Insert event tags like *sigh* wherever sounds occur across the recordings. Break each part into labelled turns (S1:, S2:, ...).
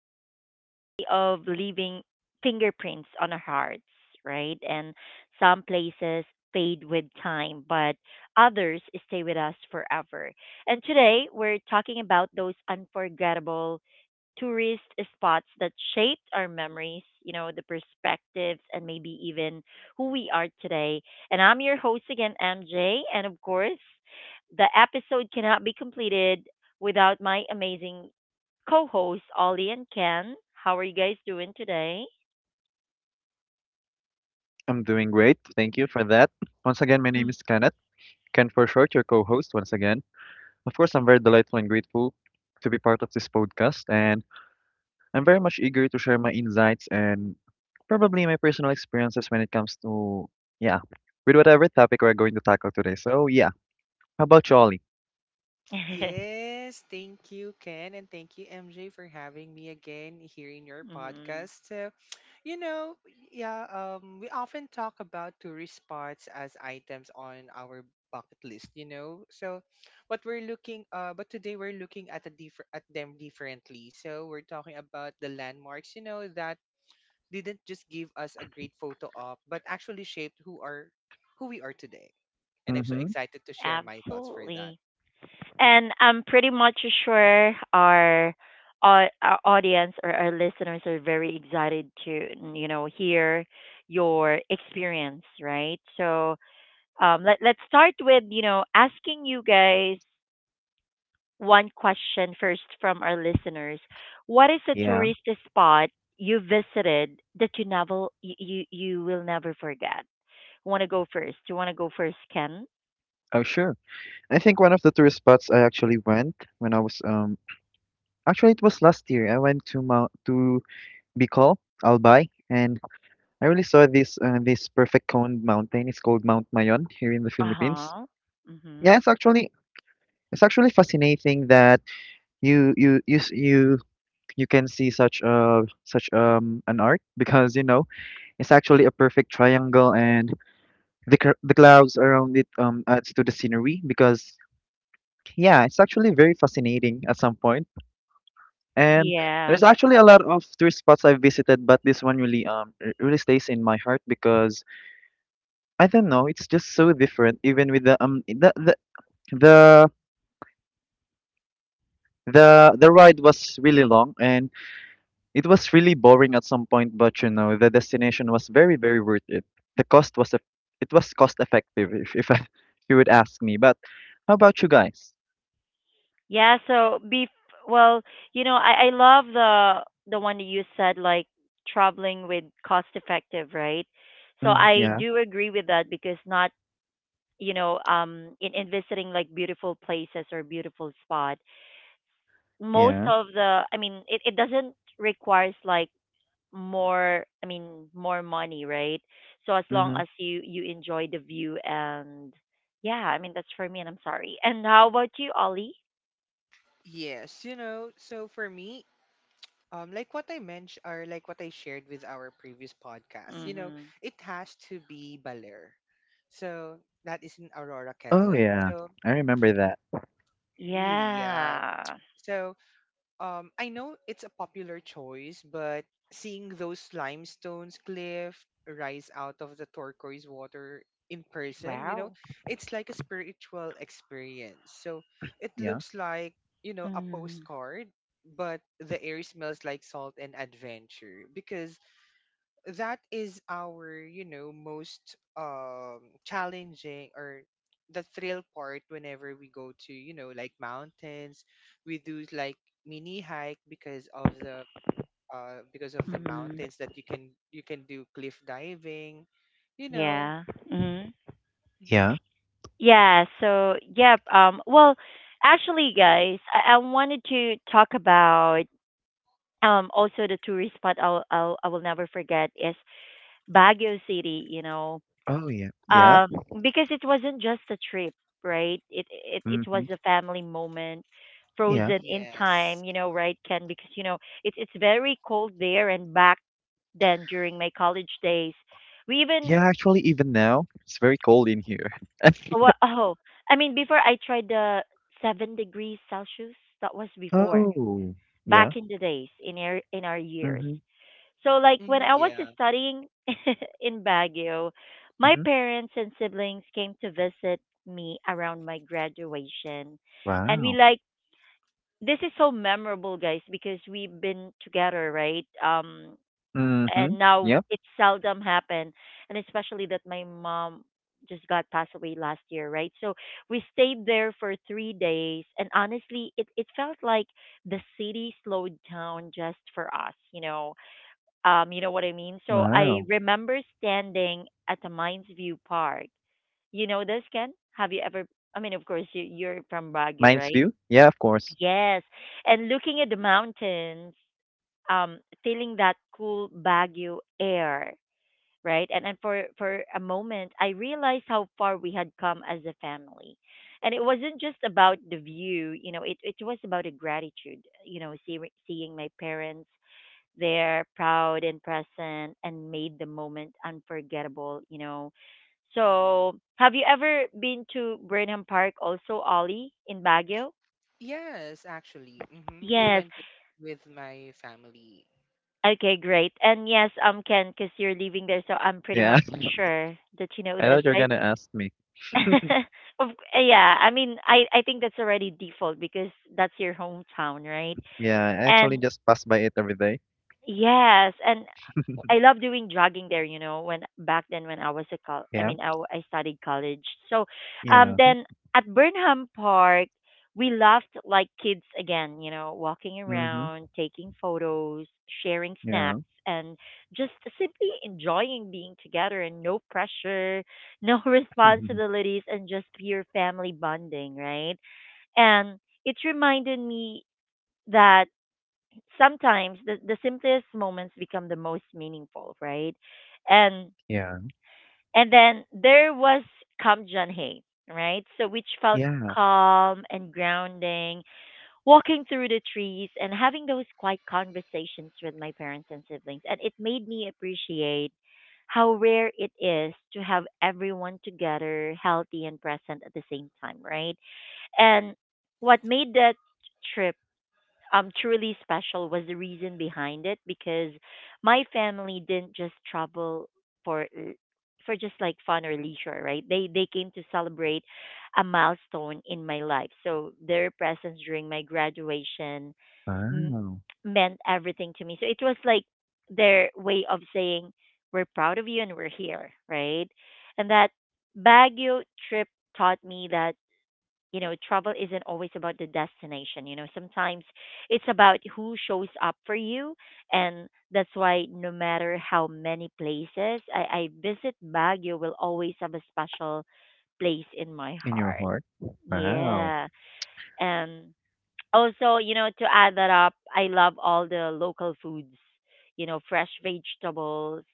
S1: Travel has a way of leaving fingerprints on our hearts, right? And some places fade with time, but others stay with us forever. And today, we're talking about those unforgettable tourist spots that shaped our memories, you know, the perspectives, and maybe even who we are today. And I'm your host again, MJ. And of course, the episode cannot be completed without my amazing co hosts, Ollie and Ken. How are you guys doing today?
S2: I'm doing great. Thank you for that. Once again, my
S1: Mm.
S2: name is Kenneth, Ken for short, your co host once again. Of course, I'm very delightful and grateful to be part of this podcast, and I'm very much eager to share my insights and probably my personal experiences when it comes to, yeah, with whatever topic we're going to tackle today. So, yeah, how about you, Ollie?
S1: *laughs*
S3: Yes, thank you, Ken, and thank you, MJ, for having me again here in your
S1: Mhm.
S3: podcast. You know, yeah, we often talk about tourist spots as items on our bucket list, you know. So, what we're looking, but today we're looking at a differ at them differently. So, we're talking about the landmarks, you know, that didn't just give us a great photo op, but actually shaped who we are today. And I'm so
S2: Mm-hmm.
S3: excited to share my thoughts for that.
S1: Absolutely. And I'm pretty much sure our audience or our listeners are very excited to you know hear your experience, right? So let's start with you know asking you guys one question first from our listeners. What is a
S2: Yeah.
S1: tourist spot you visited that you never you will never forget? Want to go first? You want to go first, Ken?
S2: Oh, sure. I think one of the tourist spots I actually went when I was, actually, it was last year. I went to Mount, to Bicol, Albay, and I really saw this perfect cone mountain. It's called Mount Mayon here in the
S1: Uh
S2: Philippines.
S1: huh. Mhm.
S2: Yeah, it's actually fascinating that you you can see such an art *laughs* because you know it's actually a perfect triangle and the clouds around it adds to the scenery because yeah it's actually very fascinating at some point, and
S1: Yeah.
S2: there's actually a lot of tourist spots I've visited, but this one really really stays in my heart because I don't know. It's just so different. Even with the the ride was really long and it was really boring at some point. But you know, the destination was very very worth it. The cost was a, it was cost effective if, I, *laughs* if you would ask me. But how about you guys?
S1: Yeah, so be well, you know, I love the one that you said like traveling with cost effective, right? So
S2: Mm,
S1: I
S2: yeah,
S1: do agree with that because not, you know, in visiting like beautiful places or beautiful spot, most
S2: yeah.
S1: of the it doesn't requires like more money, right? So as long
S2: Mm-hmm.
S1: as you enjoy the view and yeah, I mean that's for me and I'm sorry. And how about you, Ollie?
S3: So for me, like what I mentioned or like what I shared with our previous podcast, you know,
S1: Mhm.
S3: it has to be Baler. So that is in Aurora,
S2: Oh
S3: Quezon.
S2: yeah,
S3: So
S2: I remember that.
S3: really, yeah.
S1: Yeah.
S3: So I know it's a popular choice, but seeing those limestones cliff rise out of the turquoise water in person, you know,
S1: Wow.
S3: it's like a spiritual experience. So it
S2: Yeah,
S3: looks like, you know, a
S1: Mm,
S3: postcard, but the air smells like salt and adventure because that is our, you know, most challenging or the thrill part. Whenever we go to, you know, like mountains, we do like mini hike because of the
S1: mm,
S3: mountains that you can do cliff diving, you know.
S1: yeah. Mm.
S3: Hmm.
S2: yeah.
S1: Yeah. So, yep. Actually, guys, I wanted to talk about also the tourist spot I will never forget is Baguio City. You know,
S2: Oh yeah, yeah.
S1: um, because it wasn't just a trip, right? It was
S2: Mm-hmm.
S1: a family moment.
S2: Yeah,
S1: Frozen in
S3: Yes.
S1: time, you know, right, Ken? Because you know it's very cold there, and back then during my college days. We even
S2: yeah. Actually, even now it's very cold in here. *laughs*
S1: *laughs* oh, I mean before I tried the 7 degrees Celsius. That was before
S2: Oh yeah.
S1: back in the days in our years.
S2: Mm-hmm.
S1: So like when
S3: Hmm.
S1: I was
S3: Yeah.
S1: studying *laughs* in Baguio, my
S2: Mm-hmm.
S1: parents and siblings came to visit me around my graduation, and we
S2: Wow.
S1: like this is so memorable guys because we've been together right
S2: Mhm.
S1: and now
S2: Yep.
S1: it seldom happen and especially that my mom just got passed away last year right so we stayed there for 3 days and honestly it felt like the city slowed down just for us you know what I mean. So I
S2: Wow.
S1: remember standing at the Mines View Park. You know this, Ken? Have you ever, I mean of course you're from Baguio,
S2: Mind's
S1: right?
S2: view? Yeah, of course.
S1: Yes. And looking at the mountains, feeling that cool Baguio air, right? And for a moment, I realized how far we had come as a family, and it wasn't just about the view, you know, it was about a gratitude, you know, see, seeing my parents there, proud and present, and made the moment unforgettable, you know. So, have you ever been to Burnham Park, also Ollie in Baguio?
S3: Yes, actually, hmm, we
S1: Yes.
S3: went with my family.
S1: Okay, great. And yes, Ken, because you're leaving there, so I'm pretty much
S2: Yeah. *laughs*
S1: sure that you know
S2: I
S1: this,
S2: thought you were
S1: right?
S2: gonna ask me.
S1: *laughs* Of- yeah, I mean, I think that's already default because that's your hometown, right?
S2: Yeah, I actually
S1: And
S2: just pass by it every day.
S1: yes, and I
S2: *laughs*
S1: love doing jogging there, you know, when back then when I was a col I
S2: Yeah.
S1: mean I, w- I studied college. So
S2: Yeah.
S1: then at Burnham Park we laughed like kids again, you know, walking
S2: Mhm.
S1: around, taking photos, sharing snacks
S2: Yeah.
S1: and just simply enjoying being together and no pressure, no *laughs*
S2: *laughs*
S1: responsibilities and just pure family bonding, right? And it reminded me that sometimes the simplest moments become the most meaningful, right? And
S2: Yeah.
S1: and then there was Kamjan Hay, right? So which felt
S2: Yeah.
S1: calm and grounding, walking through the trees and having those quiet conversations with my parents and siblings. And it made me appreciate how rare it is to have everyone together, healthy and present at the same time, right? And what made that trip truly special was the reason behind it because my family didn't just travel for l- for just like fun or leisure, right? They came to celebrate a milestone in my life. So their presence during my graduation m-
S2: Wow.
S1: meant everything to me. So it was like their way of saying we're proud of you and we're here, right? And that Baguio trip taught me that you know, travel isn't always about the destination. You know, sometimes it's about who shows up for you. And that's why no matter how many places I visit, Baguio will always have a special place in my
S2: In your
S1: heart.
S2: heart. Wow.
S1: Yeah. And also, you know, to add that up, I love all the local foods, you know, fresh vegetables,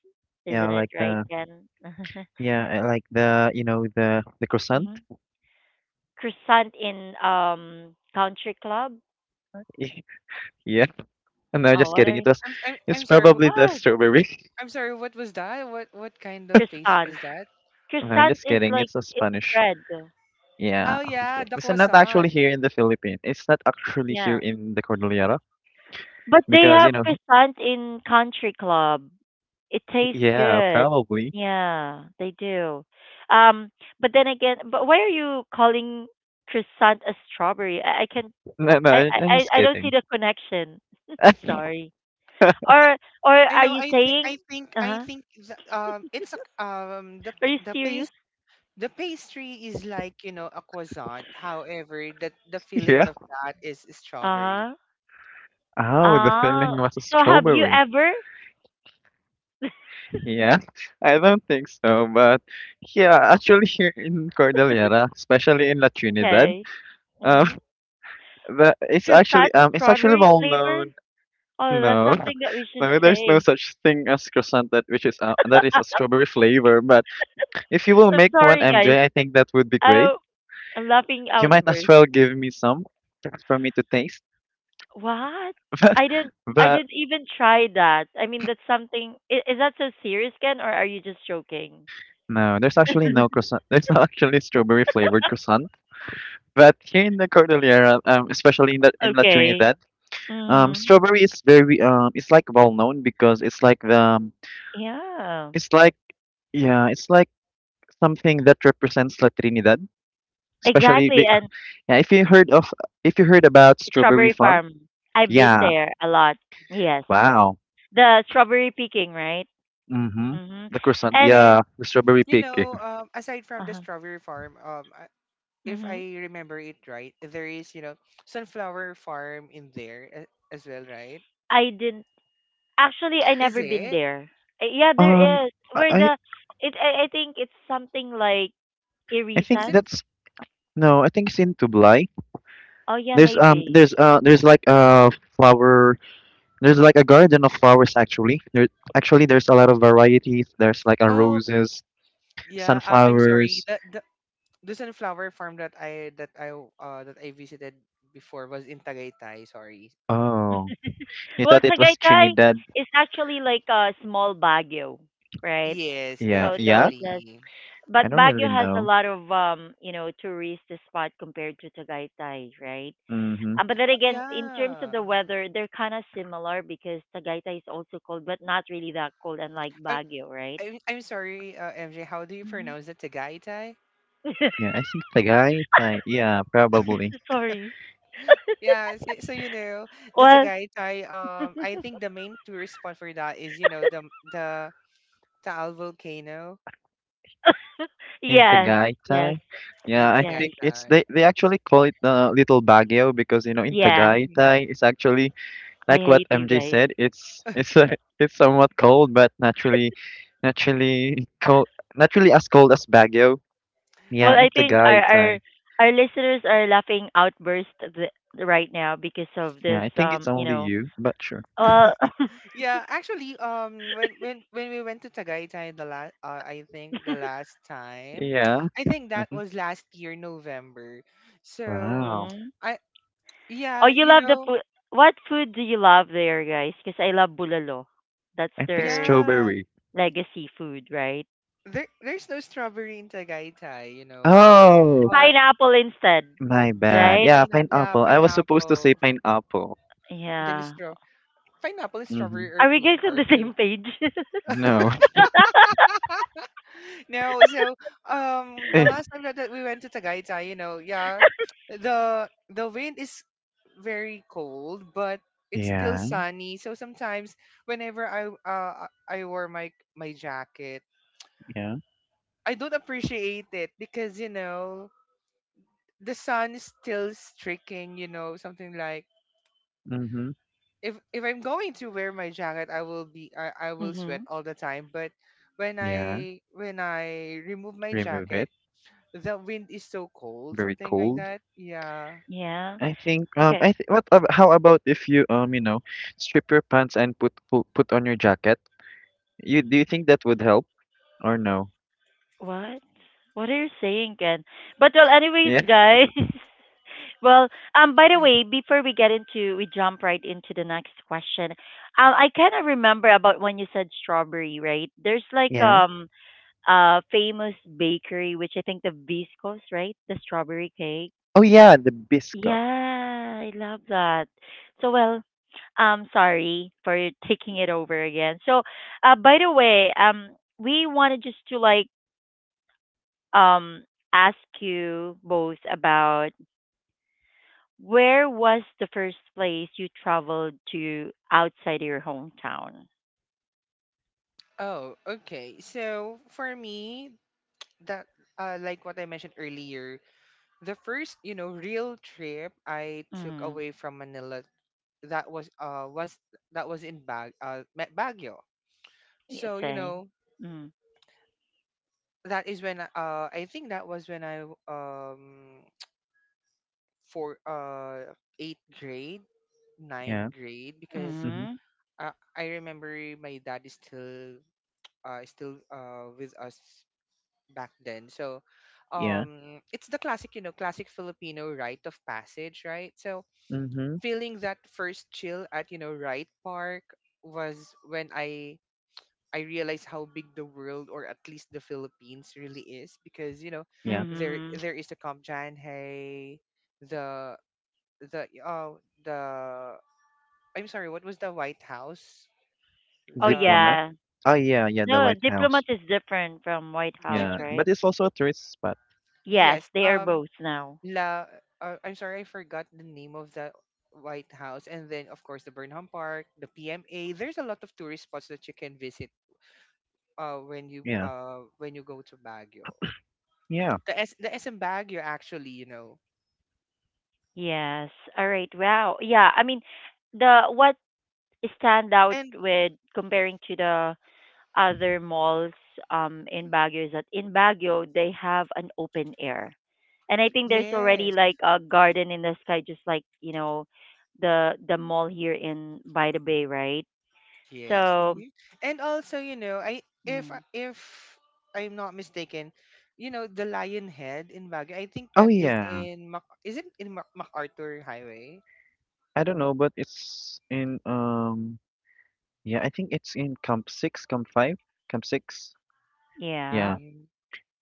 S1: isn't
S2: Yeah,
S1: it,
S2: like
S1: right,
S2: the
S1: Ken? *laughs*
S2: yeah, I like the you know the croissant.
S1: Hmm. Croissant in Country Club.
S2: *laughs* Yeah. No,
S1: Oh,
S2: just
S1: what
S2: kidding.
S1: are
S3: I'm, I'm
S2: It's
S3: i'm sorry wh-
S2: probably the
S1: what?
S2: strawberry. *laughs*
S3: I'm sorry, what was that? What kind of pastry
S1: Croissant.
S3: is that?
S2: No, I'm
S1: Croissant
S2: just
S1: is
S2: kidding.
S1: like
S2: It's a
S1: it's a
S2: Spanish.
S1: bread.
S2: Yeah.
S3: Oh yeah, the
S2: It's not actually
S3: croissant.
S2: here in the Philippines. It's not actually here
S1: Yeah.
S2: in the Cordillera
S1: But they
S2: because, you
S1: have
S2: know,
S1: croissant in Country Club. It
S2: *laughs*
S1: tastes
S2: yeah,
S1: good.
S2: probably.
S1: Yeah, they do. Um, but then again, but why are you calling croissant a strawberry? I can
S2: No, no, I- I'm just
S1: I don't see
S2: kidding.
S1: the
S2: *laughs*
S1: connection. *laughs* Sorry. Or or
S3: I
S1: are
S3: know.
S1: you
S3: I think.
S1: saying?
S3: I think.
S1: Uh
S3: I
S1: huh.
S3: think. The, it's a the
S1: Are
S3: p-
S1: you
S3: the
S1: serious?
S3: paste The pastry is like, you know, a croissant. However, that the filling
S2: Yeah.
S3: of that is
S1: Uh
S3: strawberry.
S1: huh.
S2: Oh, the
S1: Ah.
S2: filling was a
S1: So have you
S2: strawberry.
S1: ever?
S2: Yeah, *laughs* I don't think so, but yeah, actually here in Cordillera, especially in La Trinidad,
S1: Okay.
S2: um,
S1: Mhm.
S2: *laughs* the
S1: Croissant,
S2: it's actually
S1: strawberry
S2: well
S1: flavor.
S2: known.
S1: Oh, that's
S2: No,
S1: something that we
S2: *laughs*
S1: should
S2: no, there's no
S1: say.
S2: such thing as croissant that which is that is a
S1: *laughs*
S2: strawberry flavor. But if you will
S1: I'm
S2: make one,
S1: sorry, guys.
S2: MJ, I think that would be great.
S1: I, I'm laughing
S2: You might as
S1: outburst.
S2: well give me some for me to taste.
S1: What?
S2: *laughs*
S1: I didn't. I
S2: But but
S1: didn't even try that. I mean, that's something. Is that so serious, Ken, or are you just joking?
S2: no, there's actually no croissant. *laughs* There's not actually strawberry flavored croissant. But here in the Cordillera, especially in the in La
S1: Okay.
S2: Trinidad,
S1: Mm,
S2: strawberry is very it's like well known because it's like the
S1: yeah.
S2: it's like yeah, it's like something that represents La Trinidad. Especially,
S1: Exactly.
S2: be-
S1: And
S2: yeah, if you heard of if you heard about strawberry
S1: strawberry
S2: farm,
S1: farm. I've been
S2: yeah,
S1: there a lot. Yes.
S2: wow,
S1: The strawberry picking, right?
S2: mm-hmm,
S1: Mm-hmm.
S2: the croissant,
S1: And
S3: And
S2: yeah, the strawberry
S3: you
S2: pig.
S3: know, aside from the
S1: uh-huh.
S3: strawberry farm, if
S1: Mm-hmm.
S3: I remember it right, there is, you know, sunflower farm in there as well, right?
S1: I did. Actually, I
S3: Is
S1: never been
S3: it?
S1: there. Yeah,
S2: Um,
S1: there is.
S2: I
S1: Where
S2: I
S1: the it, I think it's something like
S2: I think
S3: Is it?
S1: Irisan.
S2: that's no. I think it's in Tublai.
S1: Oh yeah, maybe.
S2: There's like a flower. There's like a garden of flowers actually. There actually there's a lot of varieties. There's like a
S3: Oh
S2: roses,
S3: yeah. I'm sorry.
S2: sunflowers.
S3: This and flower farm that I visited before was in Tagaytay. Sorry.
S2: Oh, you
S1: Well,
S2: thought it was
S1: Tagaytay
S2: Trinidad?
S1: is actually like a small Baguio, right?
S3: Yes,
S2: Yeah,
S1: So though
S2: yeah.
S1: just
S3: definitely.
S1: but
S2: I don't really
S1: Baguio has a
S2: know.
S1: lot of you know, tourist spot compared to Tagaytay, right?
S2: Mhm.
S1: But then again, in terms of
S3: Yeah.
S1: the weather, they're kind of similar because Tagaytay is also cold, but not really that cold, unlike
S3: I'm,
S1: Baguio, right?
S3: MJ, how do you
S1: Hmm.
S3: pronounce it? Tagaytay.
S1: *laughs*
S2: Yeah, I think Tagaytay. Yeah, probably
S1: Sorry.
S3: Yeah. So, so you know the
S1: Well,
S3: Tagaytay. I think the main tourist spot for that is, you know, the Taal volcano.
S2: in
S1: yes, yes,
S2: Tagaytay.
S3: Yeah,
S2: Yeah,
S3: the
S2: I
S1: yes.
S2: think it's
S3: Tagaytay.
S2: they. They actually call it Little Baguio because you know in
S1: Yeah,
S3: Mm-hmm.
S2: Tagaytay it's actually
S1: I
S2: like what
S1: hate you
S2: MJ
S1: guys.
S2: said, it's a, *laughs* it's somewhat cold, but naturally, naturally cold, naturally as cold as Baguio. Yeah,
S1: Well,
S2: in
S1: I think our
S2: Tagay, it's
S1: our
S2: like
S1: our listeners are laughing outburst right now because of
S2: yeah,
S1: this.
S2: I think it's
S1: You
S2: only
S1: know,
S2: you, but sure.
S1: well, *laughs*
S3: Yeah, actually, when we went to Tagaytay the last, I think the last time,
S2: Yeah.
S3: I think that
S2: Hmm.
S3: was last year November. So
S2: Wow.
S1: mhm.
S3: I,
S1: Oh,
S3: yeah,
S1: you
S3: you
S1: love the
S3: know,
S1: food. What food do you love there, guys? Because I love bulalo. That's
S2: I think
S1: their
S3: yeah,
S2: strawberry.
S1: legacy food, right?
S3: there there's no strawberry in Tagaytay, you know,
S2: Oh,
S3: but
S1: Pineapple instead,
S2: my
S3: yeah,
S2: bad.
S1: right?
S2: Yeah,
S3: yeah,
S2: pineapple. I was supposed to
S3: pineapple.
S2: say pineapple.
S3: Then it's
S1: Yeah.
S3: straw, Pineapple and
S2: Mm-hmm.
S3: strawberry are
S1: Are we
S3: too
S1: guys on
S3: far.
S1: the same page?
S2: No. *laughs*
S1: *laughs*
S3: No, so the
S2: Eh,
S3: last time that we went to Tagaytay, you know, yeah, the wind is very cold, but it's still
S2: yeah,
S3: sunny. So sometimes whenever I wore my jacket,
S2: yeah.
S3: I don't appreciate it because you know the sun is still streaking, you know, something like,
S2: Mm-hmm.
S3: if I'm going to wear my jacket, I will sweat
S1: Mhm.
S3: all the time, but
S2: Yeah.
S3: when I remove my
S2: Remove it.
S3: jacket, the wind is so cold,
S2: Very
S3: something like
S2: cold.
S3: that. Yeah.
S1: Yeah.
S2: I think um
S1: Okay.
S2: I think how about if you you know strip your pants and put on your jacket? You do you think that would help or no?
S1: What? What are you saying, Ken? But well, anyways,
S2: Yeah.
S1: guys. *laughs* Well, by the way,
S3: *sighs*
S1: before we get into, we jump right into the next question. I kind of remember about when you said strawberry, right? There's like
S2: Yeah.
S1: a famous bakery, which I think the Viscos, right? The strawberry cake.
S2: Oh yeah, the
S1: Yeah,
S2: biscuit.
S1: I love that. So well, sorry for taking it over again. So, by the way, we wanted just to like um, ask you both about where was the first place you traveled to outside your hometown?
S3: Oh, okay. So for me, that, like what I mentioned earlier, the first, you know, real trip I took
S1: Mm.
S3: away from Manila, that was uh was that was in Baguio.
S1: Yes,
S3: So you
S1: say.
S3: know
S1: Mm.
S3: that is when, I think that was when I for eighth grade, ninth
S2: Yeah.
S3: grade, because
S2: Mm-hmm.
S1: Mm.
S3: I remember my dad is still with us back then. So
S2: Yeah.
S3: it's the classic, you know, classic Filipino rite of passage, right? So
S2: Mm-hmm.
S3: feeling that first chill at, you know, Wright Park was when I realized how big the world, or at least the Philippines, really is because, you know,
S2: Yeah.
S3: there
S1: Mm.
S3: is the Kamjanhay, the the oh the I'm sorry, what was the White House?
S1: Oh
S3: The
S2: Diplomat.
S1: yeah.
S2: Oh yeah, yeah, the
S1: No,
S2: White
S1: diplomat
S2: House.
S1: is different from White
S3: dip,
S1: House,
S2: Yeah.
S1: right?
S2: But it's also a tourist spot.
S1: Yes,
S3: yes,
S1: they are both now.
S3: La, I'm sorry, I forgot the name of the White House, and then of course the Burnham Park, the PMA. There's a lot of tourist spots that you can visit,
S2: Yeah.
S3: when you go to Baguio.
S2: Yeah.
S3: The S the SM Baguio actually, you know,
S1: Yes. All right. Wow. Yeah. I mean, the what stand out
S3: and
S1: with comparing to the other malls in Baguio is that in Baguio they have an open air. And I think there's already
S3: yes,
S1: like a garden in the sky just like, you know, the mall here in by the bay, right?
S3: yes,
S1: So,
S3: mhm. And also, you know,
S1: mm,
S3: if I'm not mistaken, you know, the Lion Head in Baguio. I think
S2: Oh
S3: that is
S2: yeah.
S3: in Mac- is it in Mac- MacArthur Highway?
S2: I don't know, but it's in yeah, I think it's in Camp 6, Camp 5, Camp 6.
S1: yeah.
S2: Yeah.
S3: Mm.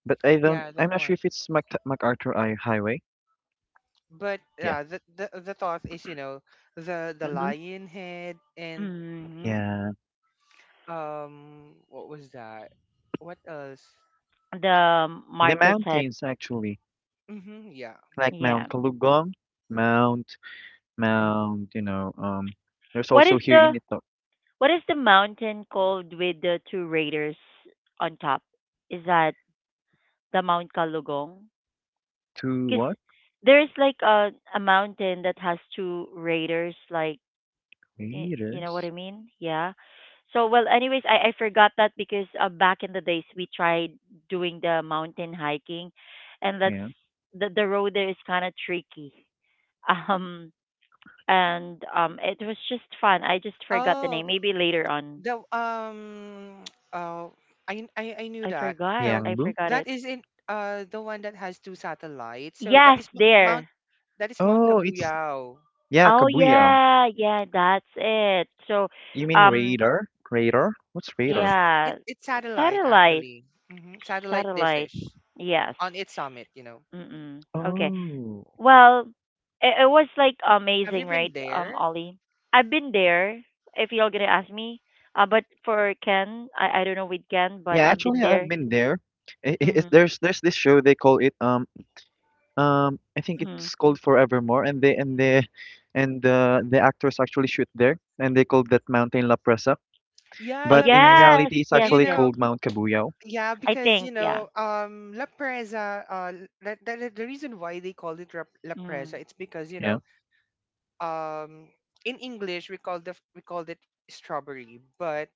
S2: But
S3: Yeah, that
S2: I'm not sure
S3: one.
S2: if it's Mac MacArthur I Highway.
S3: But
S2: Yeah.
S3: yeah, the thought is, you know, the
S2: Hmm.
S3: lion head and
S1: Mm,
S2: Yeah.
S3: what was that? what else?
S1: the
S2: The
S1: Marcus had
S2: mountains actually,
S3: Mm-hmm, yeah.
S2: like
S1: yeah.
S2: Mount Kalugong, Mount
S1: Mm.
S2: Mount there's
S1: What is
S2: also here
S1: the
S2: in Ito
S1: what is the mountain called with the two raiders on top? Is that the Mount Kalugong?
S2: two
S1: Because
S2: what?
S1: there is like a mountain that has two raiders like y- you know what I
S2: Raiders?
S1: mean yeah so well anyways I forgot that because back in the days we tried doing the mountain hiking and that's
S2: Yeah.
S1: the road there is kind of tricky *laughs* um and it was just fun. I just forgot the
S3: Oh,
S1: name, maybe later on.
S3: the *tsk* oh I knew
S1: I
S3: that.
S1: forgot,
S3: So
S1: I
S2: Yangbu?
S1: forgot
S3: that
S1: it.
S3: is in the one that has two satellites. So that
S1: Yes
S3: is
S1: there.
S3: Mount
S2: Oh, it's
S3: Kabuyao.
S2: yeah,
S1: Oh
S3: Yeah.
S2: Kabuyao.
S1: yeah, yeah, that's it. So
S2: You mean
S1: um,
S2: Raider? Raider? What's
S3: Uh,
S2: Raider?
S3: s-
S1: yeah,
S3: it it's satellite
S1: satellite,
S3: actually. Mm-hmm. Satellite
S1: satellite.
S3: dishes
S1: Yes.
S3: on its summit. You know.
S1: Mm-mm. Okay.
S2: Oh.
S1: Well, it was like
S3: Have
S1: amazing,
S3: you been
S1: right,
S3: there?
S1: Ollie? I've been there. If y'all gonna ask me, but for Ken, I don't know with Ken,
S2: Yeah,
S1: but I've been
S2: actually I've
S1: there.
S2: been there. I it,
S1: Mhm.
S2: there's this show they call it I think
S1: Mhm.
S2: it's called Forevermore, and they and the actors actually shoot there, and they called that mountain La Presa.
S3: Yeah,
S1: Oh
S2: But
S3: La
S2: in
S3: Presa.
S1: yes,
S2: reality, it's
S1: yes,
S3: You
S2: actually
S1: yes.
S3: know,
S2: called Mount Cabuyao.
S3: yeah,
S1: I
S3: because
S1: think
S3: you
S1: yeah.
S3: know, La Presa. The reason why they call it La
S1: Mm.
S3: Presa, it's because you
S2: Yeah.
S3: know, um, in English we call the we called it strawberry,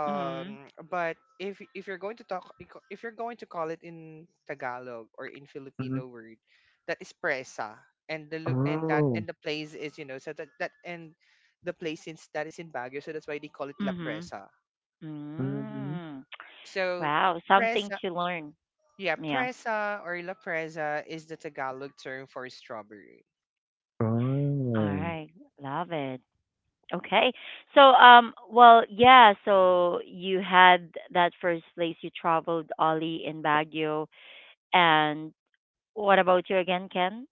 S1: Mhm.
S3: but if you're going to talk, if you're going to call it in Tagalog or in
S2: Mm-hmm.
S3: Filipino word, that is presa, and the lo- and that
S2: Oh,
S3: and the place is, you know, so that that and the place, since that is in Baguio, so that's why they call it La
S1: Mhm.
S3: Presa.
S2: mm-hmm.
S1: Mm.
S3: So
S1: Wow, something
S3: presa,
S1: to learn.
S3: yeah,
S1: Yes.
S3: presa or la presa is the Tagalog term for strawberry.
S1: All
S2: Oh.
S1: right. Love it. Okay. So, well, yeah, so you had that first place you traveled, Ollie, in Baguio. And what about you again, Ken?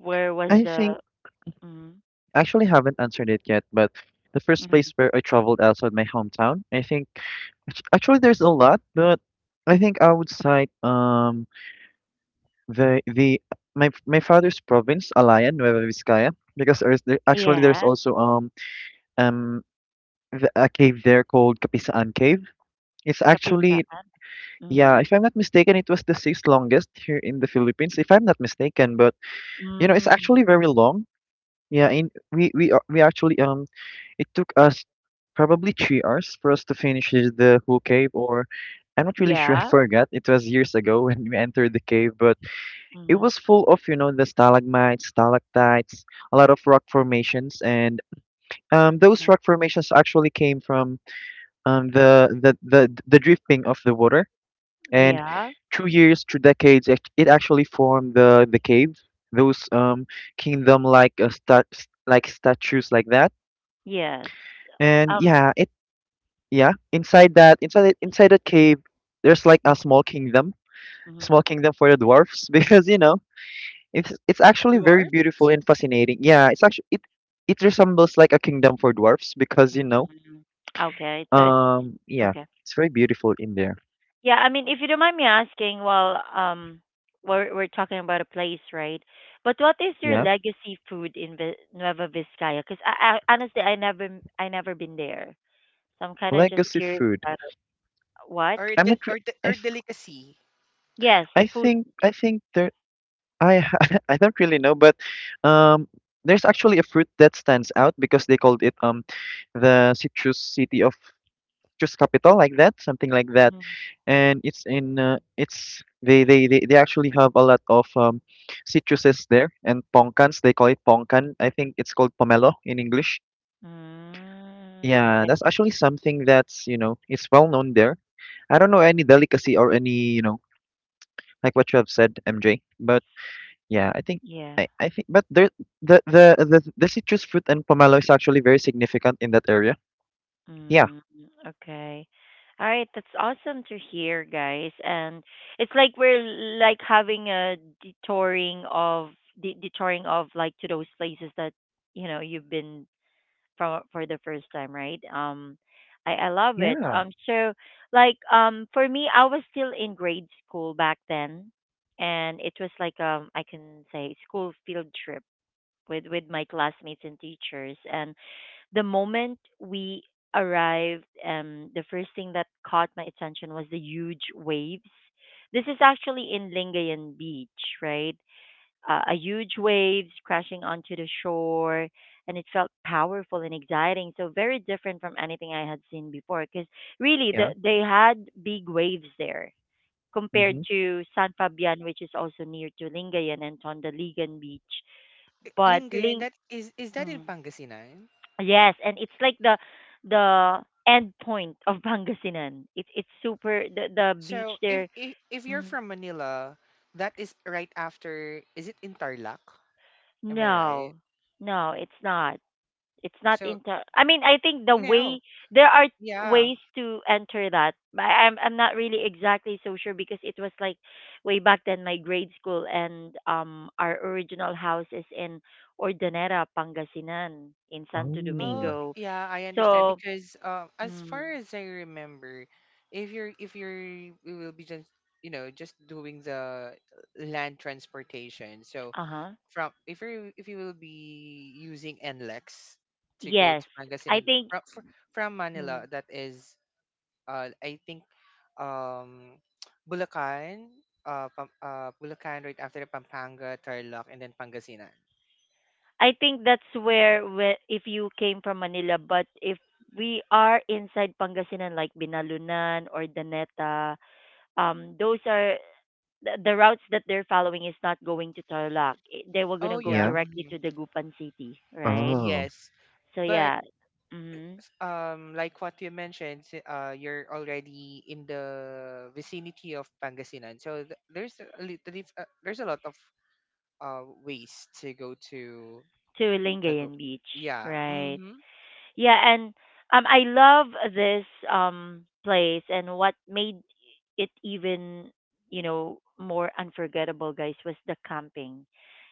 S1: Where was
S2: I
S1: the.
S2: think
S1: Mm,
S2: I actually haven't answered it yet, but the first place
S1: mm,
S2: where I traveled outside my hometown, I think actually there's a lot, but I think I would cite the my my father's province, Alayan, Nueva Vizcaya, because actually there's
S1: yeah,
S2: also um the, a cave there called Kapisaan Cave. It's actually
S1: Kapistaan.
S2: yeah,
S1: Mm,
S2: if I'm not mistaken, it was the sixth longest here in the Philippines, if I'm not mistaken. But you know, it's actually
S1: mm,
S2: very long. Yeah, in we a- we actually it took us probably 3 hours for us to finish the whole cave, or I'm not really sure. I
S1: yeah.
S2: forgot. It was years ago when we entered the cave, but it
S1: Mm,
S2: was full of, you know, the stalagmites, stalactites, a lot of rock formations, and those
S1: mm,
S2: rock formations actually came from the drifting of the water. And
S1: yeah,
S2: through years, through decades, it actually formed the cave, those kingdom-like stat like statues like that.
S1: yes.
S2: And
S1: Um,
S2: yeah, it yeah inside that inside it- inside that cave, there's like a
S1: mm, mm,
S2: small kingdom for the dwarfs *laughs* because you know it's actually very
S3: Dwarf,
S2: beautiful and fascinating. Yeah, it's actually it it resembles like a kingdom for dwarfs because you
S1: mm,
S2: know,
S1: mm. Okay, so it's just.
S2: yeah,
S1: Okay.
S2: it's very beautiful in there.
S1: Yeah, I mean, if you don't mind me asking, well, we're talking about a place, right? But what is your
S2: Yeah,
S1: legacy food in Nueva Vizcaya? Because I honestly, I never been there, so I'm kind of just
S2: legacy
S1: curious
S2: food.
S1: about it. What?
S3: or
S2: I'm
S3: de,
S2: not. Re-
S3: or de,
S2: I
S3: or
S2: f-
S3: delicacy.
S1: Yes, food.
S2: I think there. I ha- *laughs* I don't really know, but um, there's actually a fruit that stands out because they called it the citrus city of citrus capital, like that, something like that.
S1: Mm,
S2: And it's in it's they, they actually have a lot of citruses there and pongkans, they call it pongkan. I think it's called pomelo in English.
S1: mm,
S2: Yeah,
S1: okay.
S2: that's actually something that's, you know, it's well known there. I don't know any delicacy or any you know like what you have said, MJ, but yeah,
S1: Yeah.
S2: I think but there the the citrus fruit and pomelo is actually very significant in that area. Yeah.
S1: Mm, okay. All right, that's awesome to hear, guys. And it's like we're like having a detouring of detouring of like to those places that you know you've been from for the first time, right? I love it.
S2: Yeah,
S1: So like for me, I was still in grade school back then, and it was like I can say school field trip with my classmates and teachers, and the moment we arrived, the first thing that caught my attention was the huge waves. This is actually in Lingayen Beach, right? A huge waves crashing onto the shore, and it felt powerful and exciting. So very different from anything I had seen before, because really
S2: yeah,
S1: they had big waves there compared
S2: mm-hmm.
S1: to San Fabian, which is also near to Lingayen and Tondaligan Beach. But
S3: Lingayen, that is that in
S1: Mm,
S3: Pangasinan?
S1: yes, and it's like the end point of Pangasinan. It's super the beach
S3: So if,
S1: there.
S3: if you're
S1: Mm,
S3: from Manila, that is right after. Is it in Tarlac? Am I right?
S1: no, no, it's not. It's not
S3: So
S1: into. I mean, I think the
S3: no,
S1: way there are t-
S3: yeah.
S1: ways to enter that. But I'm not really exactly so sure because it was like way back then my grade school, and our original house is in Ordaneta, Pangasinan, in Santo
S2: Oh
S3: Oh,
S1: Domingo.
S3: yeah, I understand
S1: So,
S3: because as
S1: mm,
S3: far as I remember, if you're you will be just, you know, just doing the land transportation. So
S1: uh huh.
S3: from if you will be using NLEX to go
S1: Yes,
S3: to
S1: I
S3: Pangasinan
S1: think
S3: from Manila,
S1: mm.
S3: that is, I think um, *tsk* Bulacan, Bulacan, right after Pampanga, Tarlac, and then Pangasinan.
S1: I think that's where if you came from Manila, but if we are inside Pangasinan like Binalunan or Daneta, those are the routes that they're following is not going to Tarlac. They were gonna
S3: Oh
S1: go
S3: yeah,
S2: yeah,
S1: directly
S3: hmm,
S1: to the Gupan City, right?
S2: oh
S3: yes,
S1: So
S3: but
S1: yeah, mm-hmm,
S3: like what you mentioned, you're already in the vicinity of Pangasinan, so there's a little, there's a lot of ways to go to
S1: to
S3: the go-
S1: Lingayen Beach,
S3: yeah,
S1: right?
S3: mm-hmm.
S1: Yeah, and I love this place, and what made it even you know more unforgettable, guys, was the camping.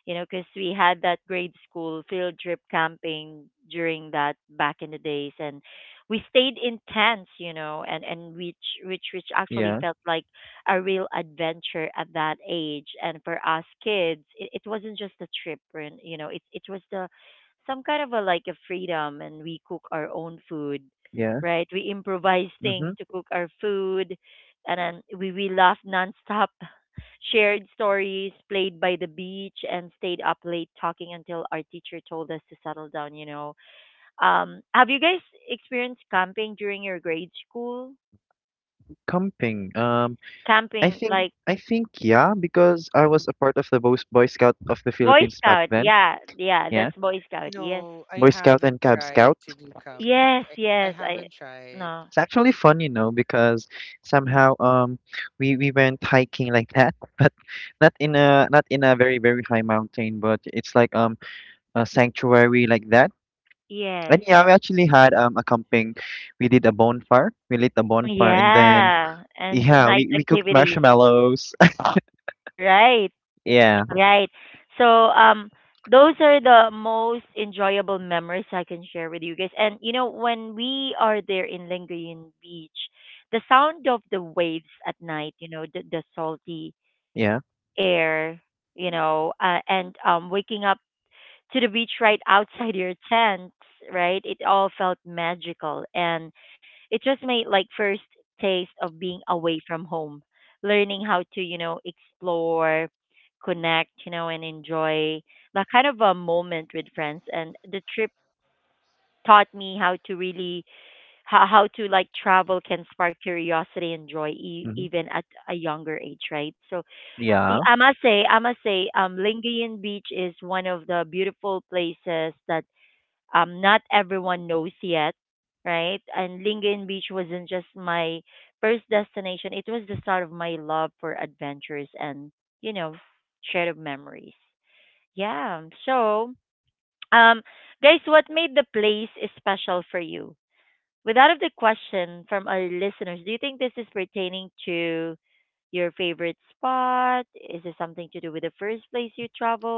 S1: You know, because we had that grade school field trip camping during that back in the days, and we stayed in tents, you know, and which which actually
S2: yeah,
S1: felt like a real adventure at that age. And for us kids, it wasn't just a trip, and you know, it was the some kind of a like a freedom, and we cook our own food
S2: yeah.
S1: right. We improvise *laughs* things
S2: Mm-hmm.
S1: to cook our food, and then we laugh nonstop. *laughs* Shared stories, played by the beach, and stayed up late talking until our teacher told us to settle down, you know. Have you guys experienced camping during your grade school
S2: Camping. I
S1: camping
S2: think
S1: like?
S2: I think yeah, because I was
S1: Mhm.
S2: a part of the Boy Scout of the
S1: Boy
S2: Philippines back
S1: scout,
S2: then.
S1: yeah, yeah,
S2: Yeah,
S1: that's boy scout. yes
S3: No, I
S2: Boy Scout
S3: haven't
S2: and Cub
S3: tried
S2: Scout.
S3: to do camp.
S1: yes
S3: I
S1: yes i
S3: haven't tried.
S1: No.
S2: It's actually fun, you know, because
S1: Mm.
S2: somehow we went hiking like that, *laughs* but not in a not in a very very high mountain, but it's like a sanctuary like that.
S1: Yes.
S2: And yeah, we actually had a camping. We did a bonfire. We lit a bonfire, and then
S1: Yeah, and
S2: yeah,
S1: night
S2: we cooked
S1: activities.
S2: marshmallows.
S1: Right,
S2: *laughs* Yeah,
S1: right. So, those are the most enjoyable memories I can share with you guys. And you know, when we are there in Lingayen Beach, the sound of the waves at night, you know, the salty
S2: yeah,
S1: air, you know, and waking up to the beach right outside your tent, right? It all felt magical, and it just made like first taste of being away from home, learning how to, you know, explore, connect, you know, and enjoy that kind of a moment with friends. And the trip taught me how to really how to like travel can spark curiosity and joy,
S2: hmm
S1: even at a younger age, right? So I
S2: yeah.
S1: I must say, I must say, Lingayen Beach is one of the beautiful places that not everyone knows yet, right? And Lingayen Beach wasn't just my first destination, it was the start of my love for adventures and, you know, shared memories. Yeah. So, um, guys, what made the place special for you? Without of the question from our listeners, do you think this is pertaining to your favorite spot? Is it something to do with the first place you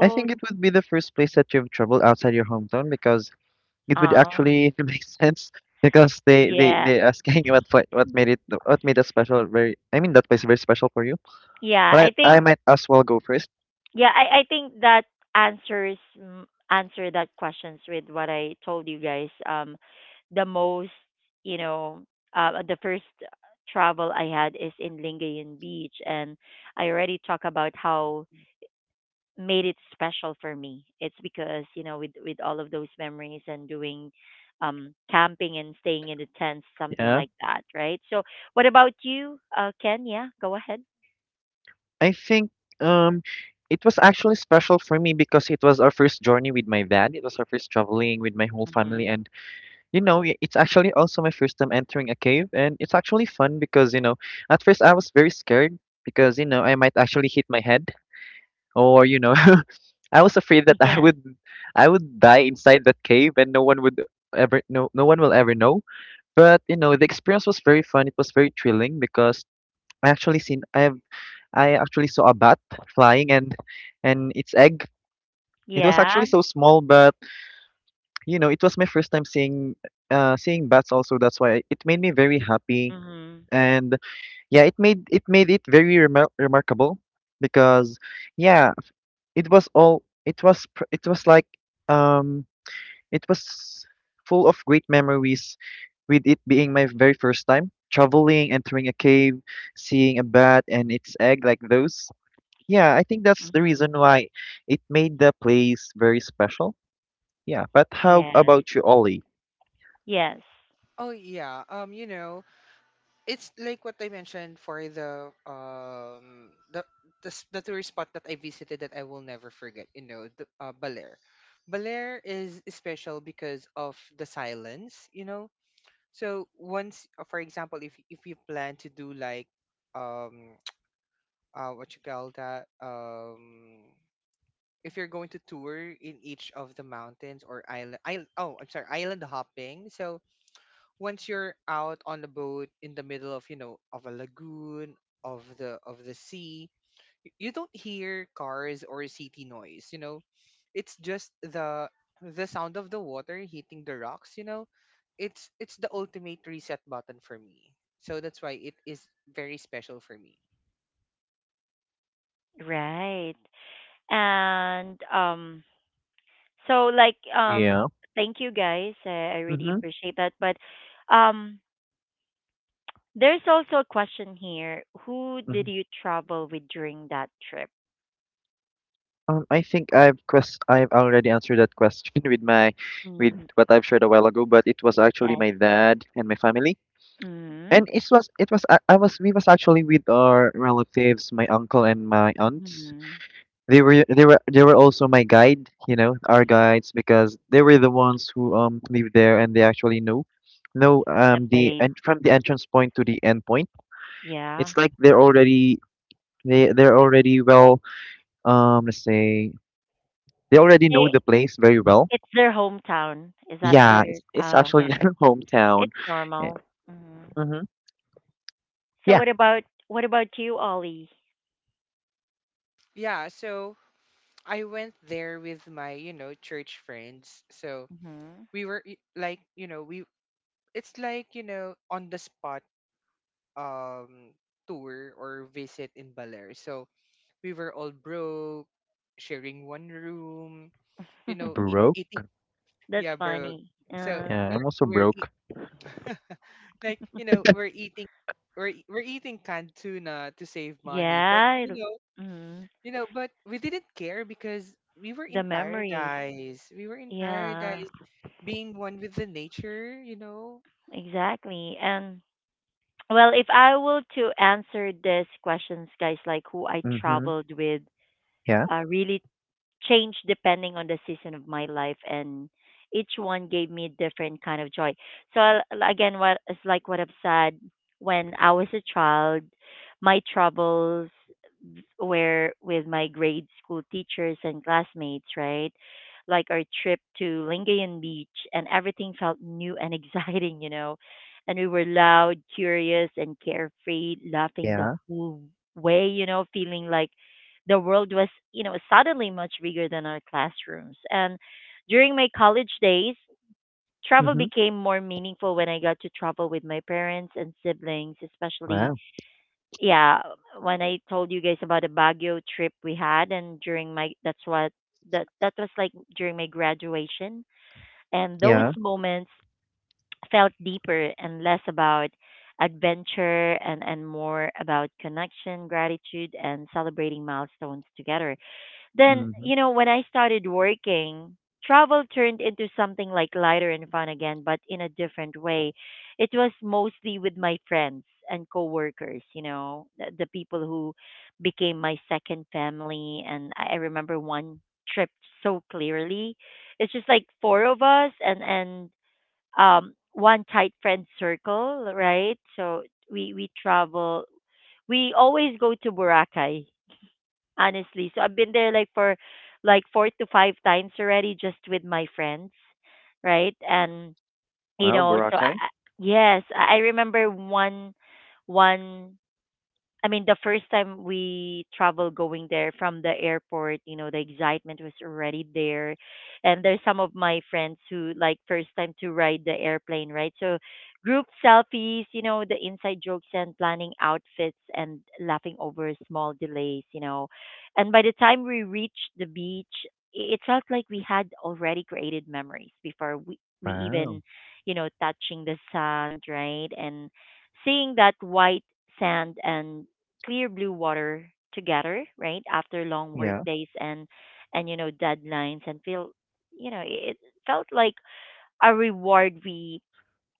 S2: I think it would be the first place that you've traveled outside your hometown because it would
S1: Uh,
S2: actually *laughs* make sense because
S1: yeah.
S2: they asking *laughs* what fi- what made it what made that special very I mean that place very special for you.
S1: Yeah, I
S2: But I
S1: think
S2: might as well go first.
S1: yeah, I think that answers mm, answer that questions with what I told you guys. The most you know, the first travel I had is in Lingayen Beach, and I already talk about how made it special for me. It's because you know, with all of those memories and doing camping and staying in the tents, something
S2: Yeah,
S1: like that, right? So, what about you, Ken? Yeah, go ahead.
S2: I think um it was actually special for me because it was our first journey with my dad. It was our first traveling with my whole
S1: Hmm.
S2: family, and it's actually also my first time entering a cave, and it's actually fun because at first I was very scared because I might actually hit my head or *laughs* I was afraid that
S1: *laughs*
S2: i
S1: Yeah.
S2: would i would die inside that cave and no one will ever know. But the experience was very fun. It was very thrilling because I actually seen I have I actually saw a bat flying, and its egg. It was
S1: Yeah.
S2: actually so small, but it was my first time seeing seeing bats also. That's why it made me very happy.
S1: Hmm.
S2: And yeah, it made it very remarkable because yeah. It was all it was pr- it was like um it was full of great memories, with it being my very first time traveling, entering a cave, seeing a bat and its egg, like those. Yeah, I think that's the
S1: Hmm.
S2: reason why it made the place very special. Yeah, but how
S1: Yes.
S2: about you, Ollie?
S1: Yes.
S3: Oh yeah, you know, it's like what I mentioned for the, the tourist spot that I visited that I will never forget, you know, the, Baler. Baler is special because of the silence, you know. So once, for example, if you plan to do like, um, what you call that, um, if you're going to tour in each of the mountains or island, island oh I'm sorry, island hopping. So once you're out on the boat in the middle of, you know, of a lagoon, of the sea, you don't hear cars or city noise, you know. It's just the sound of the water hitting the rocks, you know. It's the ultimate reset button for me, so that's why it is very special for me.
S1: Right. And so like um
S2: Yeah.
S1: thank you guys. I really
S2: Mm-hmm.
S1: appreciate that. But um there's also a question here. Who did
S2: hmm
S1: you travel with during that trip?
S2: I think I've already answered that question *laughs* with my with
S1: Mm,
S2: what I've shared a while ago, but it was actually
S1: yes.
S2: my dad and my family.
S1: Mm,
S2: And it was I was we was actually with our relatives, my uncle and my aunts.
S1: mm,
S2: They were also my guide, you know, our guides, because they were the ones who live there, and they actually know
S1: the
S2: the
S1: place.
S2: and from the entrance point to the end point.
S1: Yeah.
S2: It's like they're already they they're already well let's say they already know
S1: They
S2: the place very well.
S1: it's their hometown. Is that
S2: Yeah,
S1: their
S2: it's
S1: oh,
S2: actually *laughs*
S1: okay.
S2: their hometown.
S1: It's normal. Hmm.
S2: Mm-hmm.
S1: So
S2: Yeah,
S1: what about you, Ollie?
S3: Yeah, so I went there with my, you know, church friends. So
S1: Hmm.
S3: like, you know, we it's like, you know, on the spot, um tour or visit in Baler. So we were all broke, sharing one room, you know,
S1: *laughs*
S3: eating,
S2: broke.
S1: That's
S3: yeah, bro.
S1: funny.
S3: So
S1: Uh,
S2: Yeah, I'm also broke.
S3: *laughs* like, you know, we're we're eating canned tuna to save money, but
S1: yeah, mm,
S3: you know, but we didn't care because we were
S1: the
S3: in
S1: memories.
S3: paradise. We were in
S1: Yeah,
S3: paradise. Being one with the nature, you know.
S1: exactly. And well, if I were to answer this questions, guys, like who I
S2: Mm-hmm.
S1: traveled with,
S2: Yeah.
S1: really change depending on the season of my life, and each one gave me a different kind of joy. So again what it's like what I've said, when I was a child my troubles were with my grade school teachers and classmates, right? Like our trip to Lingayen Beach, and everything felt new and *laughs* exciting, you know. And we were loud, curious and carefree, laughing the
S2: Yeah,
S1: whole way, you know, feeling like the world was, you know, suddenly much bigger than our classrooms. And during my college days, travel
S2: mhm,
S1: became more meaningful when I got to travel with my parents and siblings, especially
S2: wow,
S1: yeah, when I told you guys about the Baguio trip we had, and during my that's what that was like during my graduation. And those
S2: yeah,
S1: moments felt deeper and less about adventure and, more about connection, gratitude, and celebrating milestones together. Then,
S2: mhm.
S1: you know, when I started working, travel turned into something like lighter and fun again, but in a different way. It was mostly with my friends and coworkers, you know, the people who became my second family. And I remember one trip so clearly. It's just like four of us, and one tight friend circle, right? So we travel. We always go to Boracay honestly. So I've been there like for like four to five times already just with my friends, right? And you
S2: Wow,
S1: know, so
S2: Boracay.
S1: yes, I remember one one I mean, the first time we travel going there from the airport, you know, the excitement was already there. And there's some of my friends who like first time to ride the airplane, right? So group selfies, you know, the inside jokes and planning outfits and laughing over small delays, you know. And by the time we reached the beach, it felt like we had already created memories before we
S2: Wow,
S1: even, you know, touching the sand, right? And seeing that white sand and clear blue water together, right? After long work
S2: yeah.
S1: days and you know deadlines and feel you know it felt like a reward we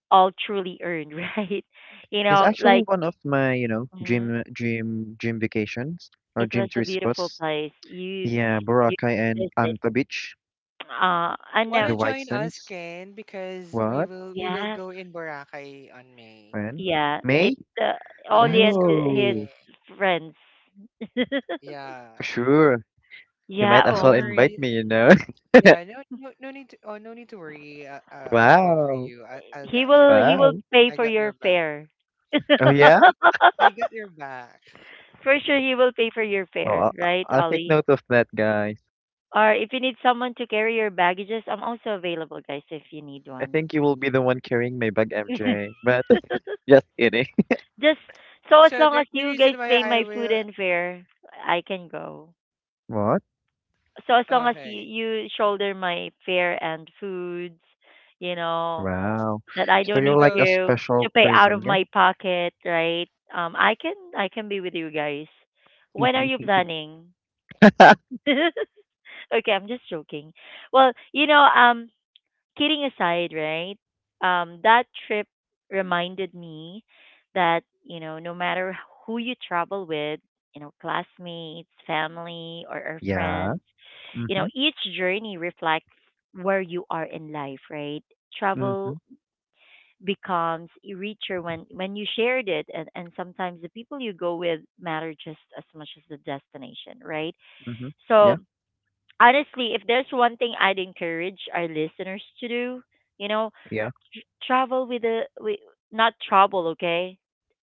S1: all truly earned, *laughs* right? You
S2: It's
S1: know,
S2: actually
S1: like
S2: one of my, you know,
S1: mhm,
S2: dream dream vacations or
S1: it
S2: dream
S1: was a
S2: three
S1: beautiful
S2: spots.
S1: place. You
S2: Yeah,
S1: you
S2: Boracay and
S1: visit
S2: Anta Beach,
S1: and
S2: the
S3: Wanna
S2: White
S3: join us,
S2: Sands.
S3: Ken, because
S2: What?
S3: we will
S1: yes,
S3: go in Boracay on May.
S2: When?
S1: yeah,
S2: May?
S1: it's uh,
S3: Yeah,
S1: Ollie
S3: this
S1: and
S3: coming
S1: his
S2: Oh,
S3: May.
S1: friends. *laughs*
S3: Yeah.
S2: sure. You might
S1: Yeah,
S2: as
S3: No
S2: well invite
S3: worry.
S2: me, you know. *laughs*
S3: Yeah, no no no need to, oh no need to worry. I'll cover
S2: Wow.
S3: you. I'll
S1: he
S3: got your
S1: will he
S3: back.
S1: will
S2: Wow.
S1: pay
S3: I
S1: for
S3: got your
S1: your
S3: back.
S1: fare. *laughs*
S2: Oh
S3: Yeah,
S2: yeah?
S3: I got your back.
S1: For sure he will pay for your
S2: Oh,
S1: fare, right,
S2: I'll take
S1: Ollie?
S2: note of that, guys.
S1: Or if you need someone to carry your baggages, I'm also available, guys, if you need
S2: I
S1: one.
S2: think you will be the one carrying my bag, MJ. But
S1: *laughs*
S2: *laughs* just kidding.
S1: Just so as long as
S3: So
S1: you guys pay my food and fare,
S3: the
S1: I can go.
S3: reason
S2: *laughs* What?
S3: why
S1: So as long
S3: I
S1: as you, you shoulder
S3: will,
S1: my fare and foods, you know,
S2: Wow.
S1: that I
S2: So
S1: don't
S2: you're
S1: need
S2: like a
S1: to
S2: special
S1: pay out
S2: person,
S1: of
S2: yeah?
S1: my pocket, right? I can be with you guys. When are you planning?
S2: *laughs*
S1: *laughs* Okay, I'm just joking. Well, you know, kidding aside, right? That trip
S3: okay.
S1: reminded me that, you know, no matter who you travel with, you know, classmates, family, or
S2: Yeah.
S1: friends, you know,
S2: Mm-hmm.
S1: each journey reflects where you are in life, right?
S2: Mm-hmm.
S1: Travel becomes richer when you shared it, and sometimes the people you go with matter just as much as the destination, right?
S2: Mm-hmm.
S1: So,
S2: Yeah.
S3: So
S1: honestly, if there's one thing I'd encourage our listeners to do, you know,
S2: Yeah.
S1: travel with the with not trouble, okay?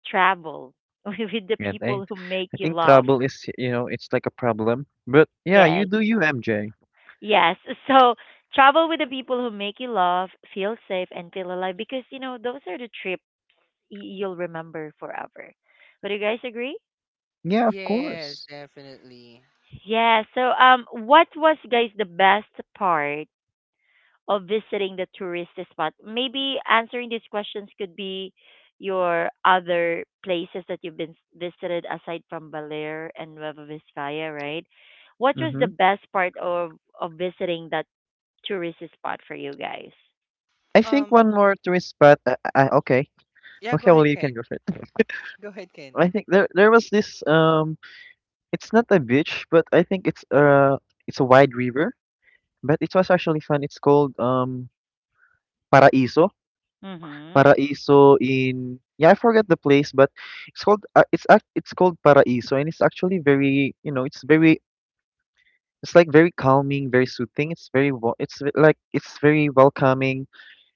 S1: Travel *laughs* with the
S2: And
S1: people who make
S2: I
S1: you
S2: think
S1: laugh.
S2: trouble is, you know, it's like a problem. But yeah, you
S1: Yes.
S2: do you, MJ.
S1: Yes. So travel with the people who make you laugh, feel safe and feel alive, because you know those are the trips you'll remember forever. Would you guys agree?
S2: Yeah, of course.
S1: Yeah. So what was guys the best part of visiting the tourist spot? Maybe answering these questions could be your other places that you've been visited aside from Balear and Nueva Vizcaya, right? What was
S2: Mm-hmm.
S1: the best part of visiting that tourist spot for you guys?
S2: I think one more twist spot. Okay. Okay, well, you can go for it. *laughs* I
S3: yes,
S2: think there was
S3: definitely.
S2: this it's not a beach, but I think it's a wide river, but it was actually fun. It's called Paraiso.
S1: Mhm.
S2: Paraiso in yeah, I forget the place, but it's called it's called Paraiso, and it's actually very, you know, it's very
S3: Um,
S2: it's like very calming, very
S3: yeah,
S2: soothing.
S3: go
S2: It's
S3: ahead, Ken.
S2: very wa- it's ve- like
S3: Go ahead,
S2: It's
S3: Ken.
S2: very welcoming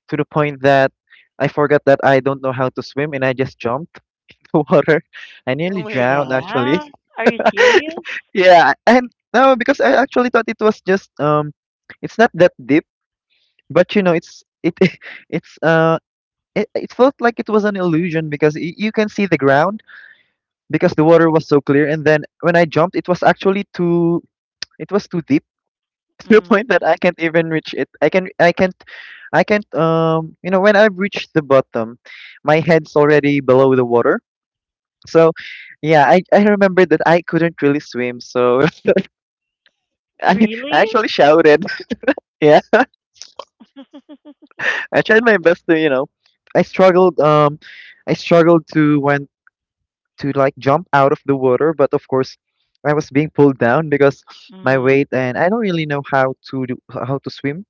S2: to the point that I forgot that I don't know how to swim, and I just jumped *laughs* the water. I nearly drowned, actually.
S1: Yeah. Are you serious?
S2: *laughs* yeah, and no, because I actually thought it was just it's not that deep, but you know it's it *laughs* it's uh it felt like it was an illusion because you can see the ground because the water was so clear, and then when I jumped it was actually too
S3: Oh my
S2: it
S3: god.
S2: was too deep *laughs* to the point
S1: Mm.
S2: that I can't even reach it I can I can't you know, when I've reached the bottom, my head's already below the water. So yeah, I remember that I couldn't really swim, so *laughs* I, I
S1: Really?
S2: actually shouted. *laughs* Yeah,
S1: *laughs*
S2: I tried my best to, you know, i struggled um I struggled to went to like jump out of the water, but of course I was being pulled down because my
S1: Mm.
S2: weight, and I don't really know how to swim.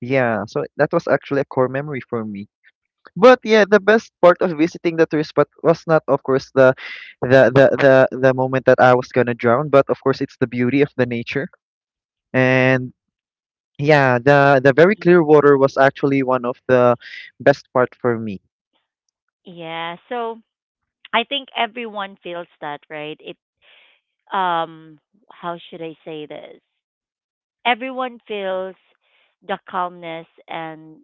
S2: Yeah, so that was actually a core memory for me. But yeah, the best part of visiting the tourist spot was not, of course, the moment that I was gonna drown, but of course it's the beauty of the nature. And yeah, the very
S1: Mhm.
S2: clear water was actually one of the best part for me.
S1: Yeah. So I think everyone feels that, right? It um how should I say this? Everyone feels the calmness and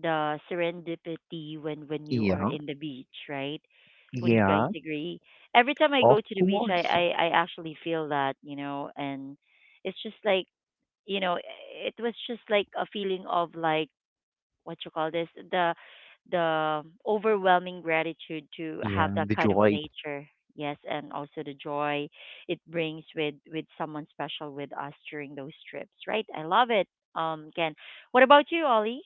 S1: the serendipity when you are
S2: Yeah,
S1: in the beach, right? Would you guys
S2: yeah,
S1: agree? Every time I
S2: of
S1: go to the beach, I
S2: course.
S1: I, I actually feel that. And it's just like it was just like a feeling of like what you call this the overwhelming gratitude to have
S2: Yeah,
S1: that
S2: the
S1: kind of
S2: joy.
S1: nature. Yes, and also the joy it brings with someone special with us during those trips, right? I love it. Ken, what about you, Ollie?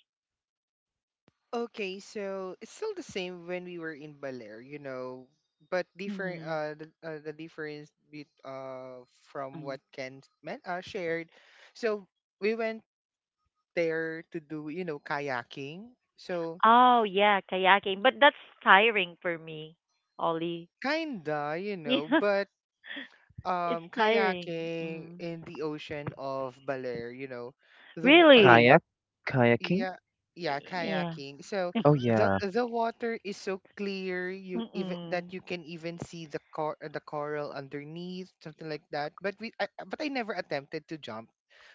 S3: Okay, so it's still the same when we were in Baler, you know, but different.
S1: Mm-hmm.
S3: The difference bet from
S1: Mm.
S3: what Ken shared. So we went there to do, you know, kayaking. So
S1: Oh yeah, kayaking, but that's tiring for me, Ollie.
S3: kinda, you
S1: *laughs* Yeah,
S3: know, but
S1: it's
S3: um,
S1: tiring.
S3: kayaking
S1: Hmm,
S3: in the ocean of Baler, you know, the w- uh,
S1: really?
S2: Kayak kayaking?
S3: yeah, yeah,
S1: Yeah.
S3: kayaking. So
S2: Oh,
S1: *laughs*
S3: the
S2: yeah.
S3: water is so clear you even that
S1: Mm-mm.
S3: you can even see the coral underneath, something like that. But I never attempted to jump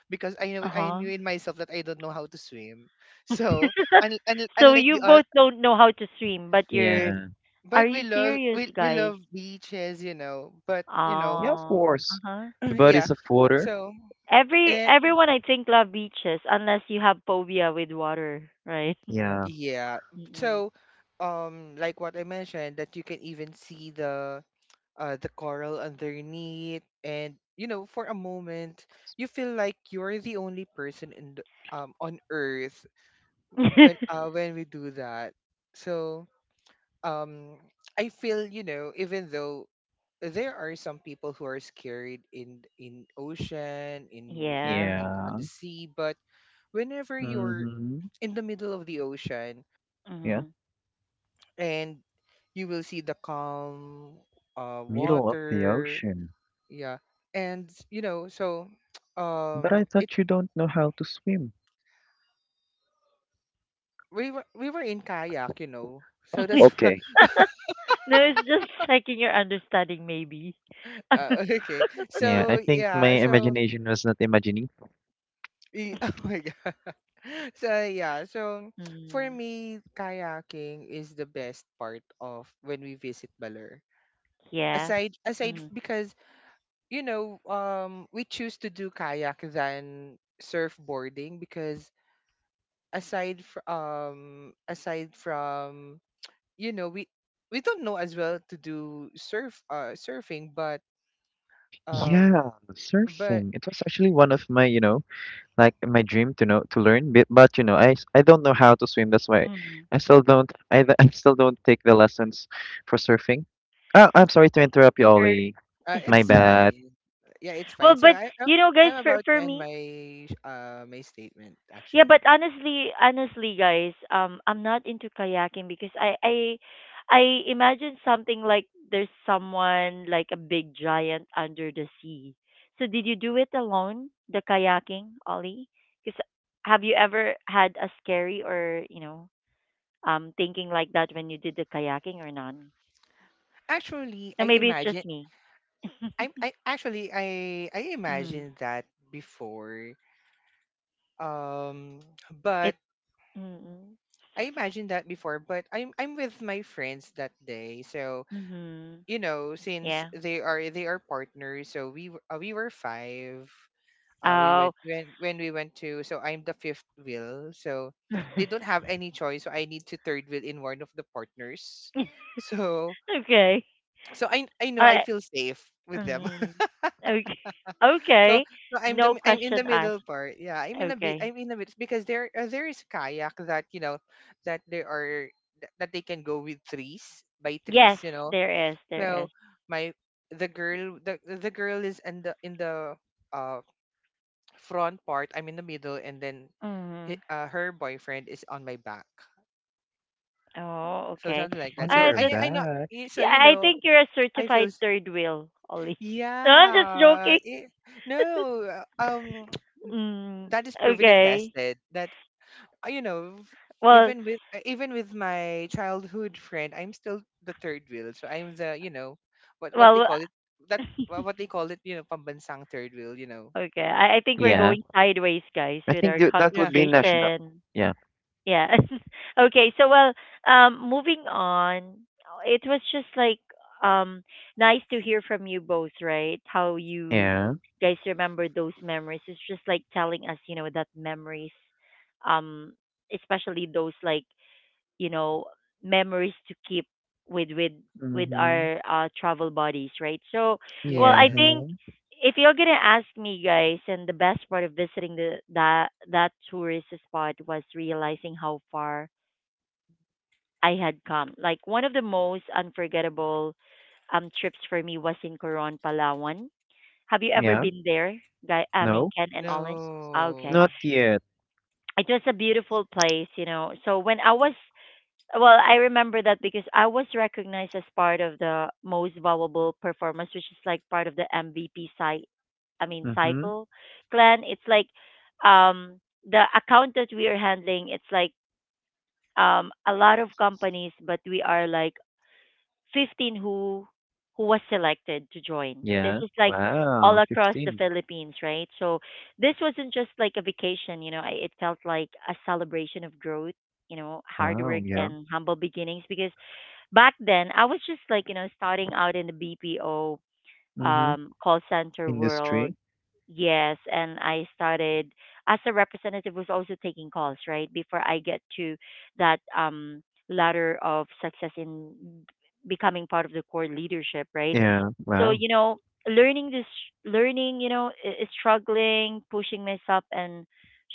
S3: because I
S1: Uh-huh.
S3: knew in myself that I don't know how to swim. *laughs* So
S1: So
S3: unlike
S1: you
S3: the
S1: both don't know how to swim, but
S3: y-
S1: you're,
S2: Yeah.
S1: are
S3: but
S1: you serious,
S3: we
S1: guys?
S3: love beaches, you know. But you know,
S2: Yeah, of
S1: Oh.
S2: course.
S1: Uh-huh.
S2: The
S3: *clears throat* yeah.
S2: bodies of water.
S3: So
S1: Every
S3: eh,
S1: everyone I think love beaches unless you have phobia with water, right?
S2: Yeah.
S3: yeah.
S1: Mm-mm.
S3: So like what I mentioned, that you can even see the coral underneath. And you know, for a moment, you feel like you're the only person in the, on Earth when
S1: *laughs*
S3: uh, when we do that. So um, I feel, you know, even though there are some people who are scared in ocean in
S1: Yeah.
S3: on
S2: Yeah.
S3: the sea, but whenever you're
S2: Mm-hmm.
S3: in the middle of the ocean
S2: Yeah.
S1: Hmm.
S3: and you will see the calm
S2: Middle of the
S3: water.
S2: ocean.
S3: Yeah. And you know, so *tsk*
S2: But I
S3: it
S2: thought you don't know how to swim.
S3: we were in kayak, you know. So that's
S1: *laughs*
S3: why,
S2: Okay.
S1: No, it's just checking your understanding maybe.
S3: *laughs*
S1: *laughs*
S3: okay.
S2: Yeah, I
S3: So
S2: think my
S3: yeah, so
S2: imagination was not imagining.
S3: *laughs* oh my god. *laughs* So yeah, so *tsk* for
S1: Mm.
S3: me, kayaking is the best part of when we visit Baler.
S1: Yeah.
S3: Because you know, we choose to do kayak than surfboarding because aside from um aside from, you know, we don't know as well to do surfing. but um
S2: Yeah,
S3: but
S2: surfing. It was actually one of my, you know, like my dream to know to learn, but you know I don't know how to swim, that's why
S1: Mm-hmm.
S2: I still don't I, th- *laughs* I still don't take the lessons for surfing. Oh, I'm sorry to interrupt you,
S1: Sure.
S2: Ollie.
S1: *laughs*
S2: My
S3: it's
S2: bad.
S3: fine. Yeah, it's
S1: Well,
S3: fine. So
S1: but you know guys
S3: I'm
S1: for
S3: about
S1: for
S3: to end
S1: me,
S3: my statement,
S1: yeah,
S3: actually.
S1: but honestly, honestly, guys, I'm not into kayaking because I imagine something like there's someone like a big giant under the sea. So did you do it alone, the kayaking, Ollie? Because have you ever had a scary or thinking like that when you did the kayaking or none?
S3: Actually I
S1: Or maybe it's
S3: imagine
S1: just me.
S3: I actually I
S1: *laughs* Mm.
S3: imagined that before um
S1: It.
S3: but
S1: Mm-hmm.
S3: I imagined that before, but I'm with my friends that day. So
S1: Mm-hmm.
S3: you know, since
S1: Yeah.
S3: they are partners, so we were five. We
S1: Oh.
S3: went when we went to, so I'm the fifth wheel, so they don't
S1: *laughs*
S3: have any choice, so I need to third wheel in one of the partners. *laughs* So
S1: Okay.
S3: so I know,
S1: All
S3: I
S1: right.
S3: feel safe with them.
S1: Mm.
S3: *laughs*
S1: Okay. *laughs*
S3: So
S1: Okay.
S3: so
S1: No
S3: I'm in
S1: question
S3: the
S1: asked.
S3: middle part. Yeah,
S1: Okay.
S3: I'm in the middle because there is a kayak that, you know, that there are that that they can go with threes by threes,
S1: Yes,
S3: you know.
S1: there is. There is.
S3: So my, the girl is in the uh front part, I'm in the middle, and then he,
S1: Mm.
S3: her boyfriend is on my back.
S1: Oh,
S3: So
S1: okay.
S3: something like that.
S1: All
S2: On
S3: So
S1: right.
S2: your
S1: That's.
S3: I know.
S2: back.
S3: So
S1: Yeah,
S3: you
S1: I
S3: know,
S1: think you're a
S3: I feel.
S1: certified third wheel, Ollie. *laughs* No, I'm just
S3: Yeah.
S1: joking.
S3: It, no. Um. *tsk*
S1: Mm.
S3: That is proven and
S1: Okay.
S3: tested. That you know.
S1: Well.
S3: Even with my childhood friend, I'm still the third wheel. So I'm the, you know, what they
S1: Well.
S3: call it, that what they call it, you know, pambansang third wheel. You know.
S1: Okay. I think we're
S2: Yeah,
S1: going sideways, guys,
S2: I
S1: with
S2: think
S1: our
S2: that
S3: Yeah.
S2: would be national.
S1: conversation.
S2: Yeah.
S1: Yeah. *laughs* Okay. So well, moving on. It was just like um nice to hear from you both, right? How you
S2: Yeah.
S1: guys remember those memories. It's just like telling us, you know, that memories, um, especially those like you know memories to keep with with with
S2: Mm-hmm.
S1: our travel buddies, right? So well,
S2: Yeah.
S1: I
S3: Yes.
S2: Huh?
S1: think if you're gonna ask me, guys, and the best part of visiting the that that tourist spot was realizing how far I had come. Like one of the most unforgettable trips for me was in Coron, Palawan. Have you ever
S2: Yeah,
S1: been there, guy? I mean,
S2: no.
S1: Ken and Olin. Ah, okay,
S3: No.
S2: Not yet.
S1: it was a beautiful place, you know. So when I was, well, I remember that because I was recognized as part of the most valuable performance, which is like part of the MVP site. I mean
S2: Mm-hmm.
S1: cycle clan. It's like um the account that we are handling. It's like a lot of companies, but we are like 15 who was selected to join. This
S2: Yeah.
S1: is like all
S2: Wow.
S1: across the
S2: 15.
S1: Philippines, right? So this wasn't just like a vacation. You know, I, it felt like a celebration of growth. You know, hard
S2: Wow,
S1: work
S2: yeah.
S1: and humble beginnings because back then I was just like, you know, starting out in the BPO
S2: Mm-hmm.
S1: call center world.
S2: Industry.
S1: Yes, and I started as a representative, was also taking calls, right? Before I get to that ladder of success in becoming part of the core leadership, right?
S2: Yeah,
S1: So,
S2: wow,
S1: you know, learning this learning, you know, is struggling, pushing myself and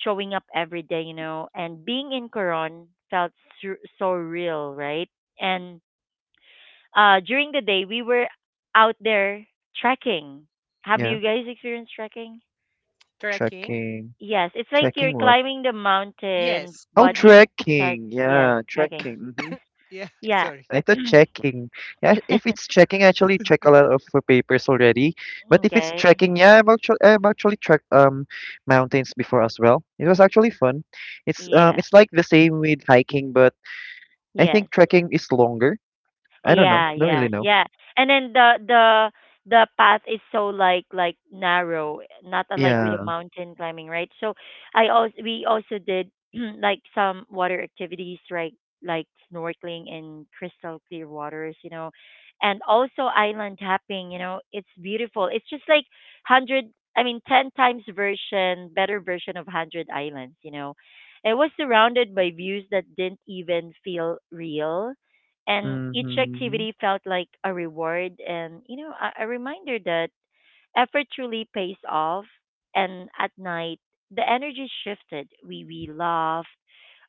S1: showing up every day, you know, and being in Coron felt so real, right? And during the day, we were out there trekking. Have
S2: yeah.
S1: you guys experienced trekking?
S3: Trekking.
S2: Checking.
S1: Yes, it's like
S2: Checking
S1: you're
S2: what?
S1: climbing the mountain,
S3: Yes.
S2: Oh,
S1: but
S3: Hmm.
S1: it has,
S2: trekking.
S1: yes,
S2: Yeah,
S1: trekking.
S2: trekking. Mm-hmm.
S3: Yeah, *laughs*
S1: Yeah.
S3: sorry.
S2: I thought checking. Yeah, if it's
S1: *clears throat*
S2: checking, I actually check a lot of papers already. But if it's
S1: Okay.
S2: trekking, yeah, I've actually trekked mountains before as well. It was actually fun.
S1: Yeah.
S2: It's like the same with hiking, but I think
S1: Yes.
S2: trekking is longer. I don't know.
S1: Yeah,
S2: Don't really
S1: yeah,
S2: know.
S1: yeah. And then the path is so like narrow, not unlike with the
S2: Yeah.
S1: mountain climbing, right? So I also, we also did *clears throat* like some water activities, right? Like snorkeling in crystal clear waters, you know, and also island hopping. You know, it's beautiful. It's just like hundred, I mean, ten times version, better version of Hundred Islands. You know, it was surrounded by views that didn't even feel real, and each
S2: Mm-hmm.
S1: activity felt like a reward and, you know, a reminder that effort truly pays off. And at night, the energy shifted, we laughed,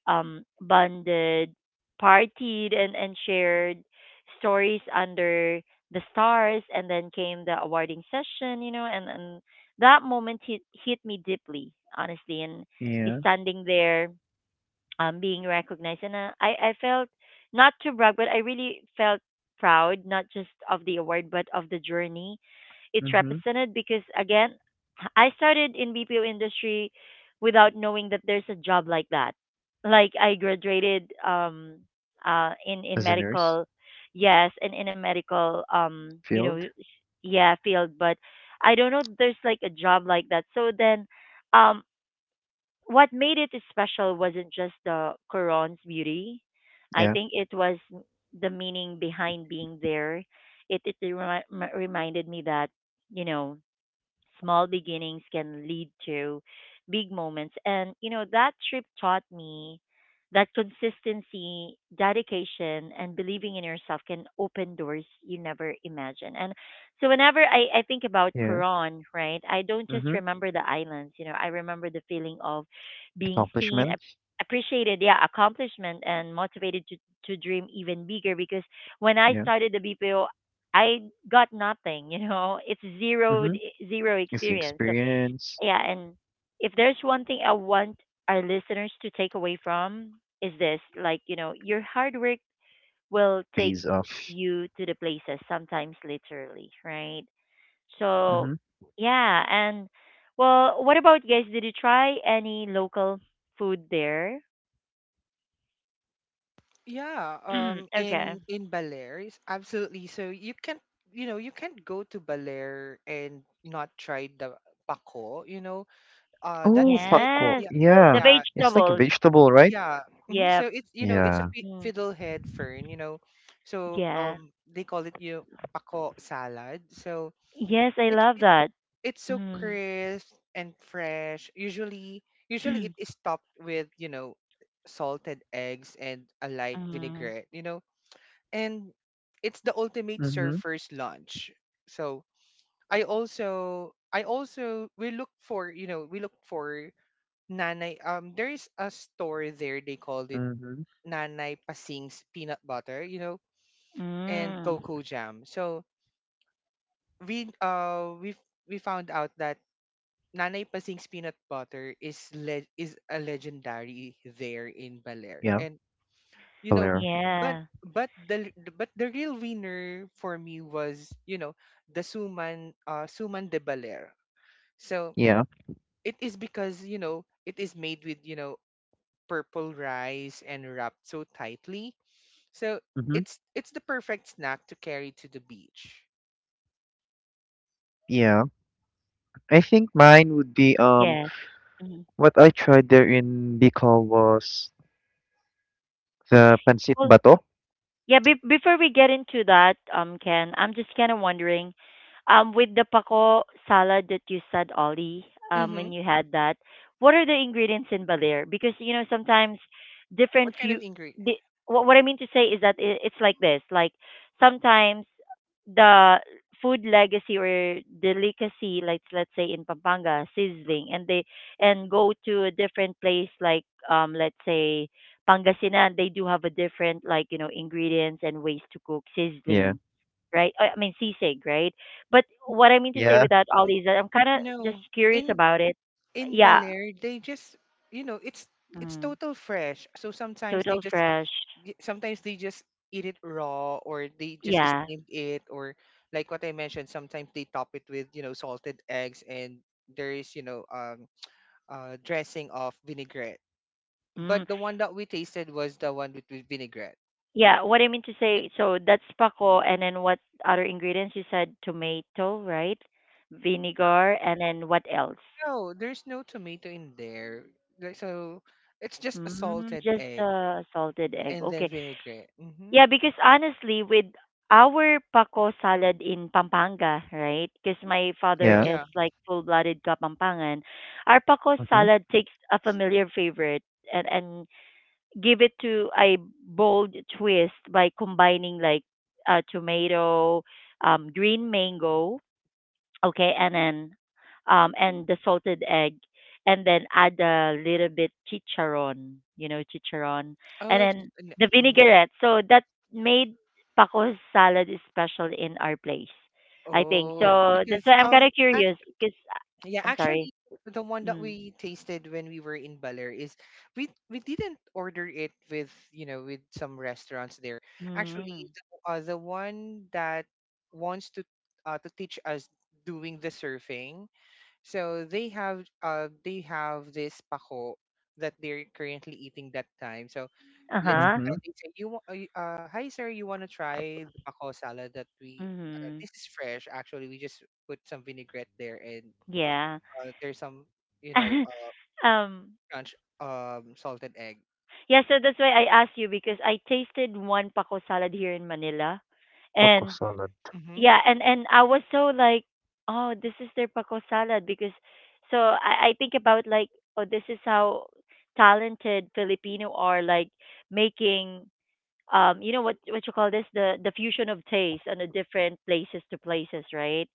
S1: bonded, partied, and shared stories under the stars. And then came the awarding session, you know, and that moment hit me deeply, honestly. And
S2: Yeah.
S1: standing there, being recognized. And I felt, not to brag, but I really felt proud, not just of the award, but of the journey it's
S2: Mm-hmm.
S1: represented. Because again, I started in BPO industry without knowing that there's a job like that. Like I graduated in
S2: As a nurse
S1: medical, yes, and in a medical, you know,
S2: field.
S1: yeah, field, but I don't know that there's like a job like that. So then, um, what made it special wasn't just the Quran's beauty. I
S2: Yeah.
S1: think it was the meaning behind being there. It, reminded me that, you know, small beginnings can lead to big moments. And, you know, that trip taught me that consistency, dedication, and believing in yourself can open doors you never imagine. And so, whenever I think about
S2: Yeah.
S1: Quran, right, I don't just
S2: Mm-hmm.
S1: remember the islands, you know, I remember the feeling of being seen,
S2: Accomplishment.
S1: appreciated, yeah, accomplishment, and motivated to dream even bigger. Because when I
S2: Yeah.
S1: started the BPO, I got nothing, you know. *laughs* It's zero
S2: Mm-hmm.
S1: zero
S2: It's the
S1: experience. So
S2: experience.
S1: yeah, and if there's one thing I want our listeners to take away from is this, like, you know, your hard work will take
S2: Pays off.
S1: you to the places, sometimes literally, right? So
S2: Mm-hmm.
S1: yeah, and well, what about you guys? Did you try any local food there?
S3: Yeah,
S1: *clears throat* Okay.
S3: in Balear, absolutely. So you can, you know, you can't go to Balear and not try the bako. You know, that
S2: Oh,
S3: is like,
S2: pakko.
S1: Yes.
S3: yeah,
S2: Yeah.
S1: The
S3: yeah,
S2: It's
S3: it's
S2: like a
S1: vegetables.
S2: vegetable, right?
S3: yeah. Hmm. So
S1: Yep.
S3: it's, you know, it's a
S2: Yeah.
S1: Mm.
S3: fiddlehead fern. You know, so
S1: Yeah.
S3: they call it, you know, bako salad. So
S1: Yes, I
S3: it's
S1: love
S3: it's
S1: that.
S3: it's so
S1: Mm.
S3: crisp and fresh. Usually, usually it
S1: *clears throat*
S3: is topped with, you know, salted eggs and a light
S1: Mm.
S3: vinaigrette. You know, and it's the ultimate
S2: Mm-hmm.
S3: surfer's lunch. So I also we look for, you know, we look for nanay. There is a store there. They called it
S2: Mm-hmm.
S3: Nanay Pasing's peanut butter. You know, and
S1: Mm.
S3: cocoa jam. So we uh we we found out that Nanay Pasing's peanut butter is a legendary there in Baler.
S2: Yeah.
S3: And you know,
S2: Valera.
S3: but
S1: Yeah.
S3: the real winner for me was, you know, the Suman de Baler. So
S2: Yeah.
S3: it is because, you know, it is made with, you know, purple rice and wrapped so tightly. So
S2: Mm-hmm.
S3: it's the perfect snack to carry to the beach.
S2: Yeah. I think mine would be
S1: Yes. Mm.
S2: what I tried there in Bicol was the pancit
S1: Well,
S2: bato.
S1: yeah, before we get into that, Ken, I'm just kind of wondering, with the pako salad that you said, Ollie, when
S3: Mhm.
S1: you had that, what are the ingredients in Baler? Because you know sometimes different
S3: What kind of
S1: few.
S3: ingredient?
S1: The, what I mean to say is that it's like this. Like sometimes the food legacy or delicacy, like let's say in Pampanga, sizzling, and they and go to a different place, like let's say Pangasinan, they do have a different like you know ingredients and ways to cook
S2: Yeah.
S1: sizzling, right? I mean sisig, right? But what I mean to say
S2: Yeah,
S1: with that, Ollie, is that I'm kind of just
S3: No.
S1: curious
S3: In
S1: about it.
S3: in
S1: Yeah,
S3: Baler, they just, you know, it's
S1: mm,
S3: total fresh. So sometimes they
S1: total
S3: just
S1: fresh.
S3: y- sometimes they just eat it raw or they just
S1: Yeah.
S3: steam it, or like what I mentioned, sometimes they top it with, you know, salted eggs, and there is, you know, dressing of vinaigrette.
S1: Mm.
S3: But the one that we tasted was the one with vinaigrette.
S1: Yeah, what I mean to say, so that's pako, and then what other ingredients? You said tomato, right? Vinegar, and then what else?
S3: No, there's no tomato in there. Like, so it's just a
S1: Mm,
S3: salted
S1: just
S3: egg
S1: salted egg.
S3: and then
S1: Okay.
S3: vinaigrette. Hmm.
S1: Yeah, because honestly, with our pako salad in Pampanga, right? Because my father
S2: yeah.
S1: is
S3: Yeah.
S1: like full-blooded Kapampangan. Our pako
S2: Mhm,
S1: salad takes a familiar favorite and give it to a bold twist by combining like tomato, green mango, okay, and then and the salted egg, and then add a little bit chicharron, you know, chicharron.
S3: Oh,
S1: And
S3: it's just,
S1: then the vinaigrette. So that made Paco's salad is special in our place. I think.
S3: oh,
S1: So that's
S3: because
S1: why
S3: *laughs*
S1: I'm kind of
S3: act
S1: curious because
S3: yeah,
S1: I'm sorry.
S3: actually, the one that
S1: Mm.
S3: we tasted when we were in Baler is we didn't order it with, you know, with some restaurants there. Actually,
S1: Mm.
S3: the one that wants to teach us doing the surfing, so they have this pako that they're currently eating that time. So let's
S1: Uh-huh.
S2: mhm.
S3: they say, you hi sir, you want to try the pako salad that we
S1: Mhm.
S3: this is fresh actually. We just put some vinaigrette there and
S1: Yeah.
S3: there's some, you know,
S1: *laughs* um
S3: crunch salted egg.
S1: yeah, so that's why I asked you because I tasted one Paco salad here in Manila,
S2: Taco
S1: and
S2: salad.
S3: Hmm.
S1: yeah, and I was so like, oh, this is their paco salad. Because so I think about like, oh, this is how talented Filipino are, like making, you know, what you call this, the fusion of taste on the different places to places, right?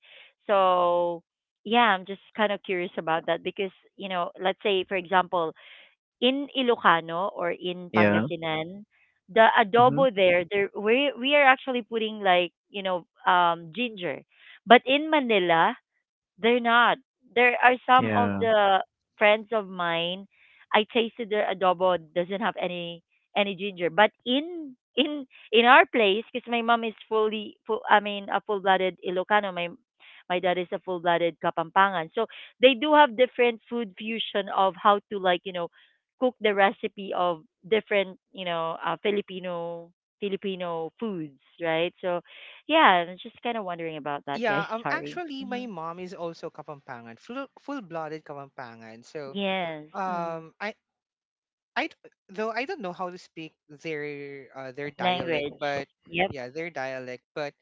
S1: So yeah, I'm just kind of curious about that because, you know, let's say for example in Ilocano or in
S2: Yeah.
S1: Pangasinan, the
S2: Mhm.
S1: adobo there, there we are actually putting like you know ginger, but in Manila they're not. There are some of
S2: Yeah,
S1: the friends of mine. I tasted their adobo doesn't have any ginger, but in in our place, because my mom is fully full. I mean, a full blooded Ilocano. My dad is a full blooded Kapampangan. So they do have different food fusion of how to like you know cook the recipe of different you know Filipino Filipino foods, right? So yeah, I'm just kind of wondering about that,
S3: Yeah,
S1: guys. *laughs* Sorry.
S3: actually my
S1: Mm-hmm.
S3: mom is also Kapampangan, full-blooded Kapampangan. So
S1: Yes. Hmm.
S3: I I d- though I don't know how to speak their dialect,
S1: Language.
S3: but
S1: Yep. *laughs*
S3: yeah, their dialect. But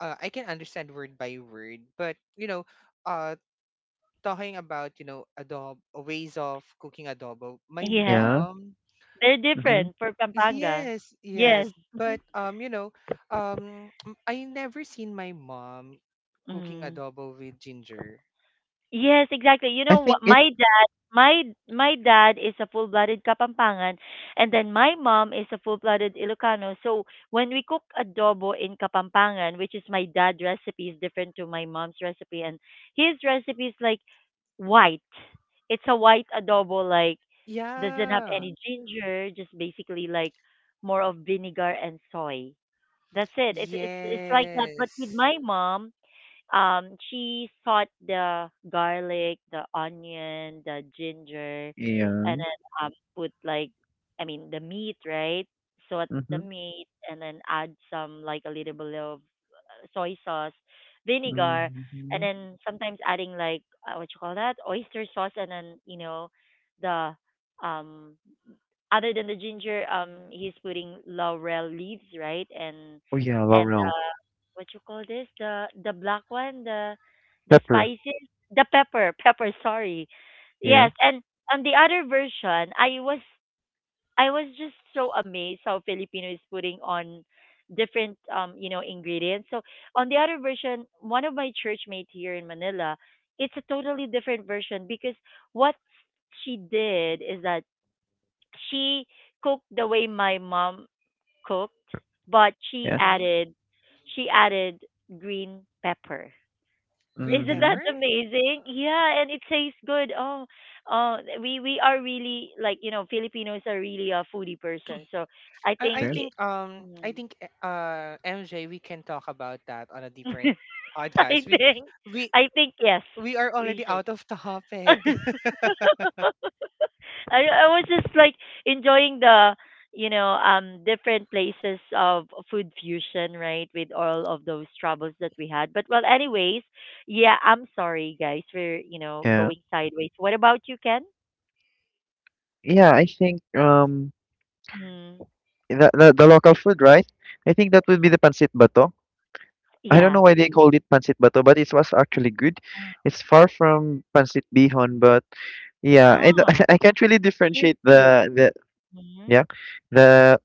S3: I can understand word by word. But you know, uh, talking about, you know, adobo, ways of cooking adobo. My
S1: Yeah.
S2: yeah.
S3: mom,
S1: They're
S3: my
S2: Mhm.
S1: different for Pampanga.
S3: yes,
S1: Yes.
S3: yes. But you know, I never seen my mom cooking
S1: Mm.
S3: adobo with ginger.
S1: Yes, exactly. You
S2: I
S1: know what?
S2: think it
S1: My dad, my dad is a full-blooded Kapampangan, and then my mom is a full-blooded Ilocano. So when we cook adobo in Kapampangan, which is my dad's recipe, is different to my mom's recipe, and his recipe is like white. It's a white adobo, like doesn't have
S3: Yeah.
S1: any ginger, just basically like more of vinegar and soy. That's it. It's like that. But with
S3: Yes.
S1: my mom, she thought the garlic, the onion, the ginger, and
S2: yeah.
S1: then put, like, I mean, the meat, right? So the
S2: Mhm,
S1: meat, and then add some, like, a little bit of soy sauce, vinegar, and
S2: mhm.
S1: then sometimes adding, like, what you call that, oyster sauce, and then the um other than the ginger, he's putting laurel leaves, right? and
S2: Oh, yeah,
S1: and
S2: laurel.
S1: what you call this, the black one, the
S2: Pepper.
S1: spices, the pepper, sorry.
S2: Yeah,
S1: Yes. And on the other version, I was just so amazed how Filipino is putting on different, ingredients. So on the other version, one of my church mates here in Manila, it's a totally different version. Because what she did is that she cooked the way my mom cooked, but she
S2: yeah.
S3: Mm-hmm.
S1: added, she added green pepper. *laughs*
S3: Green
S1: Isn't that
S2: Mhm.
S3: pepper.
S1: amazing? Yeah, and it tastes good. Oh, oh, we are really, like, you know, Filipinos are really a foodie person. So I think,
S2: Sure.
S1: it,
S3: I
S1: Mm.
S3: think MJ, we can talk about that on a different
S1: *laughs* I
S3: podcast.
S1: think,
S3: We
S1: I think yes,
S3: we are
S1: we
S3: already
S1: should.
S3: out of
S1: *laughs*
S3: topic. *laughs*
S1: I was just like enjoying the, you know, different places of food fusion, right, with all of those troubles that we had. But, well, anyways, yeah, I'm sorry guys, we're, you know,
S2: Yeah.
S1: going sideways. What about you, Ken?
S2: Yeah, I think,
S1: Mm,
S2: the local food, right? I think that would be the pancit bato. I don't
S1: yeah.
S2: know why they called it pancit bato, but it was actually good. It's far from pancit bihon, but yeah, I d-
S1: Oh,
S2: *laughs* I can't really differentiate
S1: seriously.
S2: the yeah the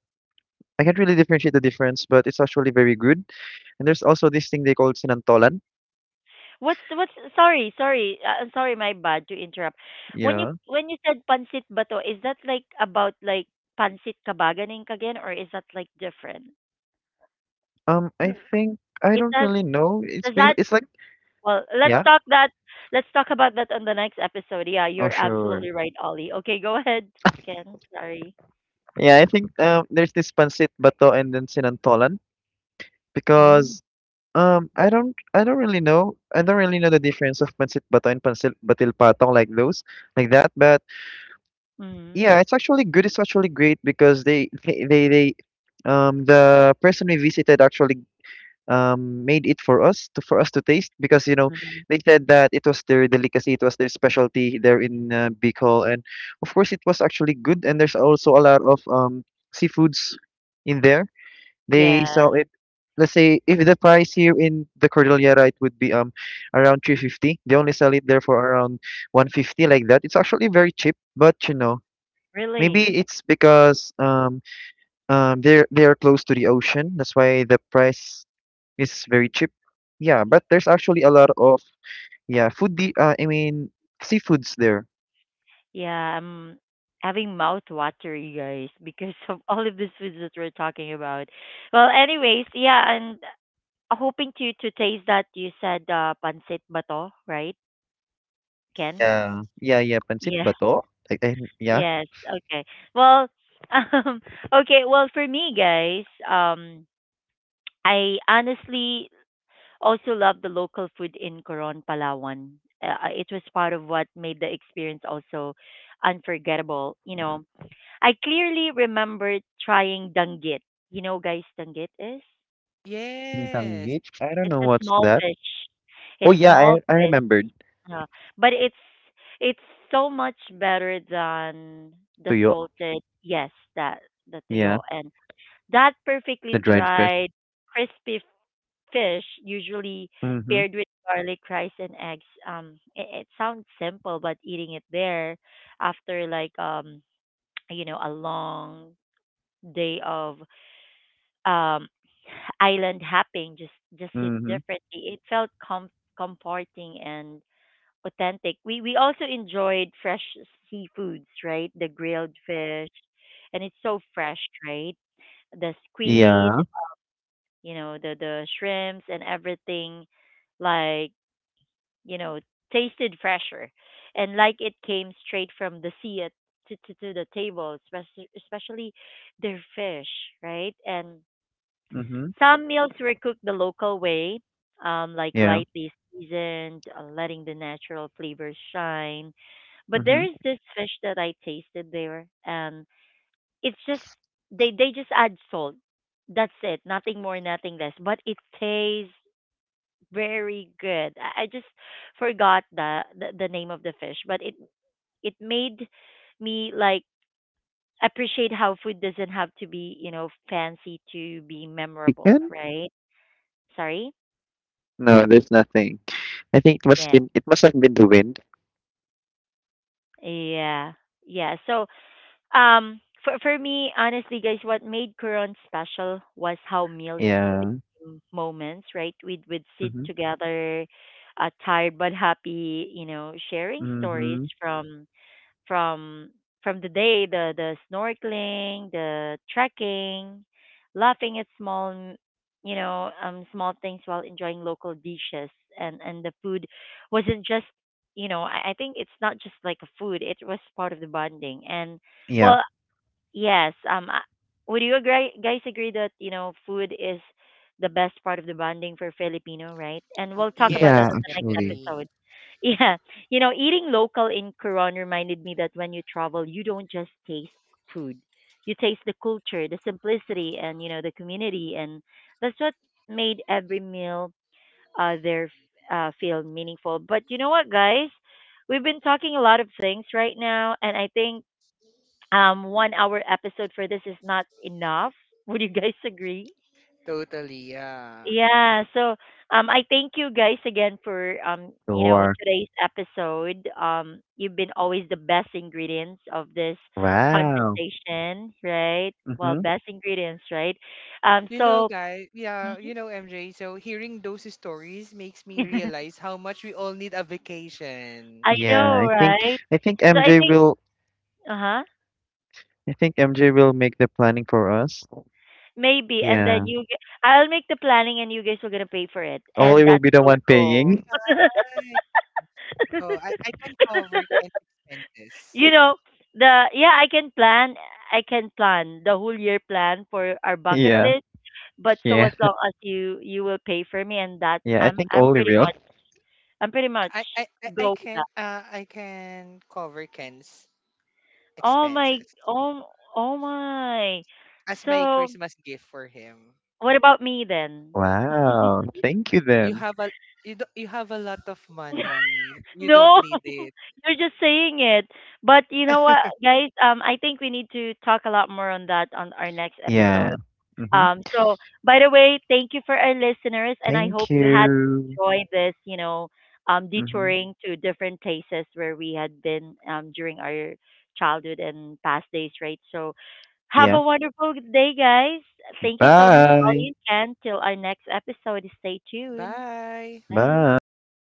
S2: I can't really differentiate the difference, but it's actually very good. And there's also this thing they call sinantolan.
S1: What's the- what's, sorry, my bad to interrupt. When you,
S2: Yeah.
S1: when you said pancit bato, is that, like, about, like, pancit kabaganing again, or is that, like, different?
S2: I think I
S1: It
S2: don't
S1: does
S2: really know. It's
S1: does
S2: because
S1: that,
S2: it's like
S1: well, let's
S2: yeah.
S1: talk that, let's talk about that on the next episode. Yeah,
S2: Oh,
S1: you're
S2: sure.
S1: absolutely right, Ollie. Okay, go ahead, Ken. Sorry.
S2: Yeah, I think there's this pancit bato and then sinantolan
S1: Mm.
S2: because I don't really know the difference of pancit bato and pancit batil patong, like those like that. But
S1: Mm-hmm.
S2: yeah, it's actually good. It's actually great because they the person we visited actually made it for us to taste, because you know they said that it was their delicacy, it was their specialty there in Bicol, and of course it was actually good. And there's also a lot of seafoods in there. They sell
S1: Yes.
S2: it. Let's say if the price here in the Cordillera it would be around 350. They only sell it there for around 150, like that. It's actually very cheap, but you know maybe
S1: Really?
S2: it's because they are close to the ocean. That's why the price is very cheap. Yeah, but there's actually a lot of yeah I mean seafoods there.
S1: Yeah, I'm having mouth watery, guys, *laughs* because of all of these foods that we're talking about. Well, anyways, yeah, and hoping to taste that. You said pancit bato, right, Ken?
S3: Yeah.
S2: Yeah, yeah, yeah. Pancit
S1: Yeah.
S2: bato. Yeah.
S1: Yes. Okay. Well, *laughs* um, okay. Well, for me, guys, I honestly also love the local food in Coron, Palawan. It was part of what made the experience also unforgettable. You know, I clearly remember trying danggit. You know, guys, danggit is?
S3: Yes.
S2: Intanggit. I don't
S1: It's
S2: know
S1: a
S2: what's
S1: small
S2: that.
S1: fish. It
S2: Oh
S1: is
S2: yeah,
S1: small
S2: I
S1: fish.
S2: remembered
S1: Uh, but it's so much better than the
S2: tuyo.
S1: salted. Yes, that, the
S2: Yeah,
S1: tuyo, and that perfectly
S2: the dried fish.
S1: dried, crispy fish, usually
S2: Mm-hmm.
S1: paired with garlic rice and eggs. It, it sounds simple, but eating it there after, like, *tsk* you know, a long day of um island hopping, just hit
S2: Mm-hmm.
S1: differently. It felt com- comforting and authentic. We also enjoyed fresh seafoods, right? The grilled fish, and it's so fresh, right? The squid,
S2: Yeah.
S1: you know, the shrimps and everything, like, you know, tasted fresher, and like it came straight from the sea, at, to the table, especially, especially their fish, right? And
S2: Mm-hmm.
S1: some meals were cooked the local way, like
S2: Yeah.
S1: lightly seasoned, letting the natural flavors shine. But there
S2: Mm-hmm.
S1: is this fish that I tasted there, and it's just, they just add salt. That's it, nothing more, nothing less. But it tastes very good. I just forgot the name of the fish, but it made me, like, appreciate how food doesn't have to be, you know, fancy to be memorable,
S2: Chicken?
S1: right? Sorry.
S2: No, there's nothing. I think it must
S1: Yeah.
S2: been it must have been the wind.
S1: Yeah. Yeah. So, for me, honestly, guys, what made Quran special was how meals,
S2: Yeah.
S1: m- moments, right? We'd sit together, tired but happy, you know, sharing stories
S2: Mhm.
S1: from, from from the day, the snorkeling, the trekking, laughing at small m-, you know, small things while enjoying local dishes. And the food wasn't just, you know, I think it's not just like a food, it was part of the bonding. And,
S2: Yeah.
S1: well, yes. I- Would you agree, guys, agree that, you know, food is the best part of the bonding for Filipino, right? And we'll talk about that
S2: Yeah,
S3: Yes,
S1: in the next
S2: actually.
S3: definitely.
S1: episode. *laughs* Yeah. You know, eating local in Coron reminded me that when you travel, you don't just taste food. You taste the culture, the simplicity, and, you know, the community, and that's what made every meal, there, feel meaningful. But you know what, guys? We've been talking a lot of things right now, and I think, 1 hour episode for this is not enough. *laughs* Would you guys agree?
S3: Totally. Yeah.
S1: Yeah, so, I thank you guys again for, um, you know,
S2: Sure.
S1: today's episode. Um, you've been always the best ingredients of this
S2: Wow.
S1: conversation, right? Well,
S2: Mhm.
S1: best ingredients, right? Um,
S3: You know,
S1: so,
S3: guys, yeah,
S1: mhm.
S3: you know, MJ, so hearing those stories makes me realize
S1: *laughs*
S3: how much we all need a vacation.
S1: I
S2: Yeah,
S1: know,
S2: I think
S1: right?
S2: I
S1: So
S2: think
S1: I
S2: MJ
S1: think,
S2: will
S1: uh-huh.
S2: I think MJ will make the planning for us.
S1: Maybe, and then
S2: Yeah.
S1: you g- I'll make the planning and you guys are going to pay for it. And
S2: Ollie will
S1: that's
S2: be the
S1: so
S2: one
S1: cool.
S2: paying. *laughs*
S1: *laughs*
S3: Right. Oh, I can cover Ken's expenses.
S1: You know, the, yeah, I can plan, I can plan the whole year plan for our bucket
S2: Yeah.
S1: list. But, so
S2: Yeah.
S1: as long as you, you will pay for me, and that,
S2: Yeah, I
S1: i'm
S2: think
S1: i'm
S2: Ollie
S1: pretty
S2: will.
S1: much, I'm pretty much go with that.
S3: I can cover Ken's
S1: Oh my.
S3: expenses
S1: Oh. Oh my.
S3: as my
S1: So,
S3: Christmas gift for him.
S1: what about me, then?
S2: Wow. Thank you
S3: You
S2: then.
S3: have a, you do, you have a lot of money. You don't
S1: No.
S3: need
S1: *laughs*
S3: it.
S1: You're just saying it. But, you know what, guys, I think we need to talk a lot more on that on our next
S2: Yeah.
S1: episode.
S2: Mhm.
S1: So, by the way, thank you for our listeners, and I hope
S2: Thank
S1: you had
S2: you.
S1: enjoyed this, you know,
S2: Mhm.
S1: detouring to different places where we had been, during our childhood and past days, right? So, have
S2: Yeah.
S1: a wonderful day, guys. Thank you so much,
S2: Bye.
S1: Ollie and Ken. Till our next episode, stay tuned.
S3: Bye.
S1: Bye.
S2: Bye.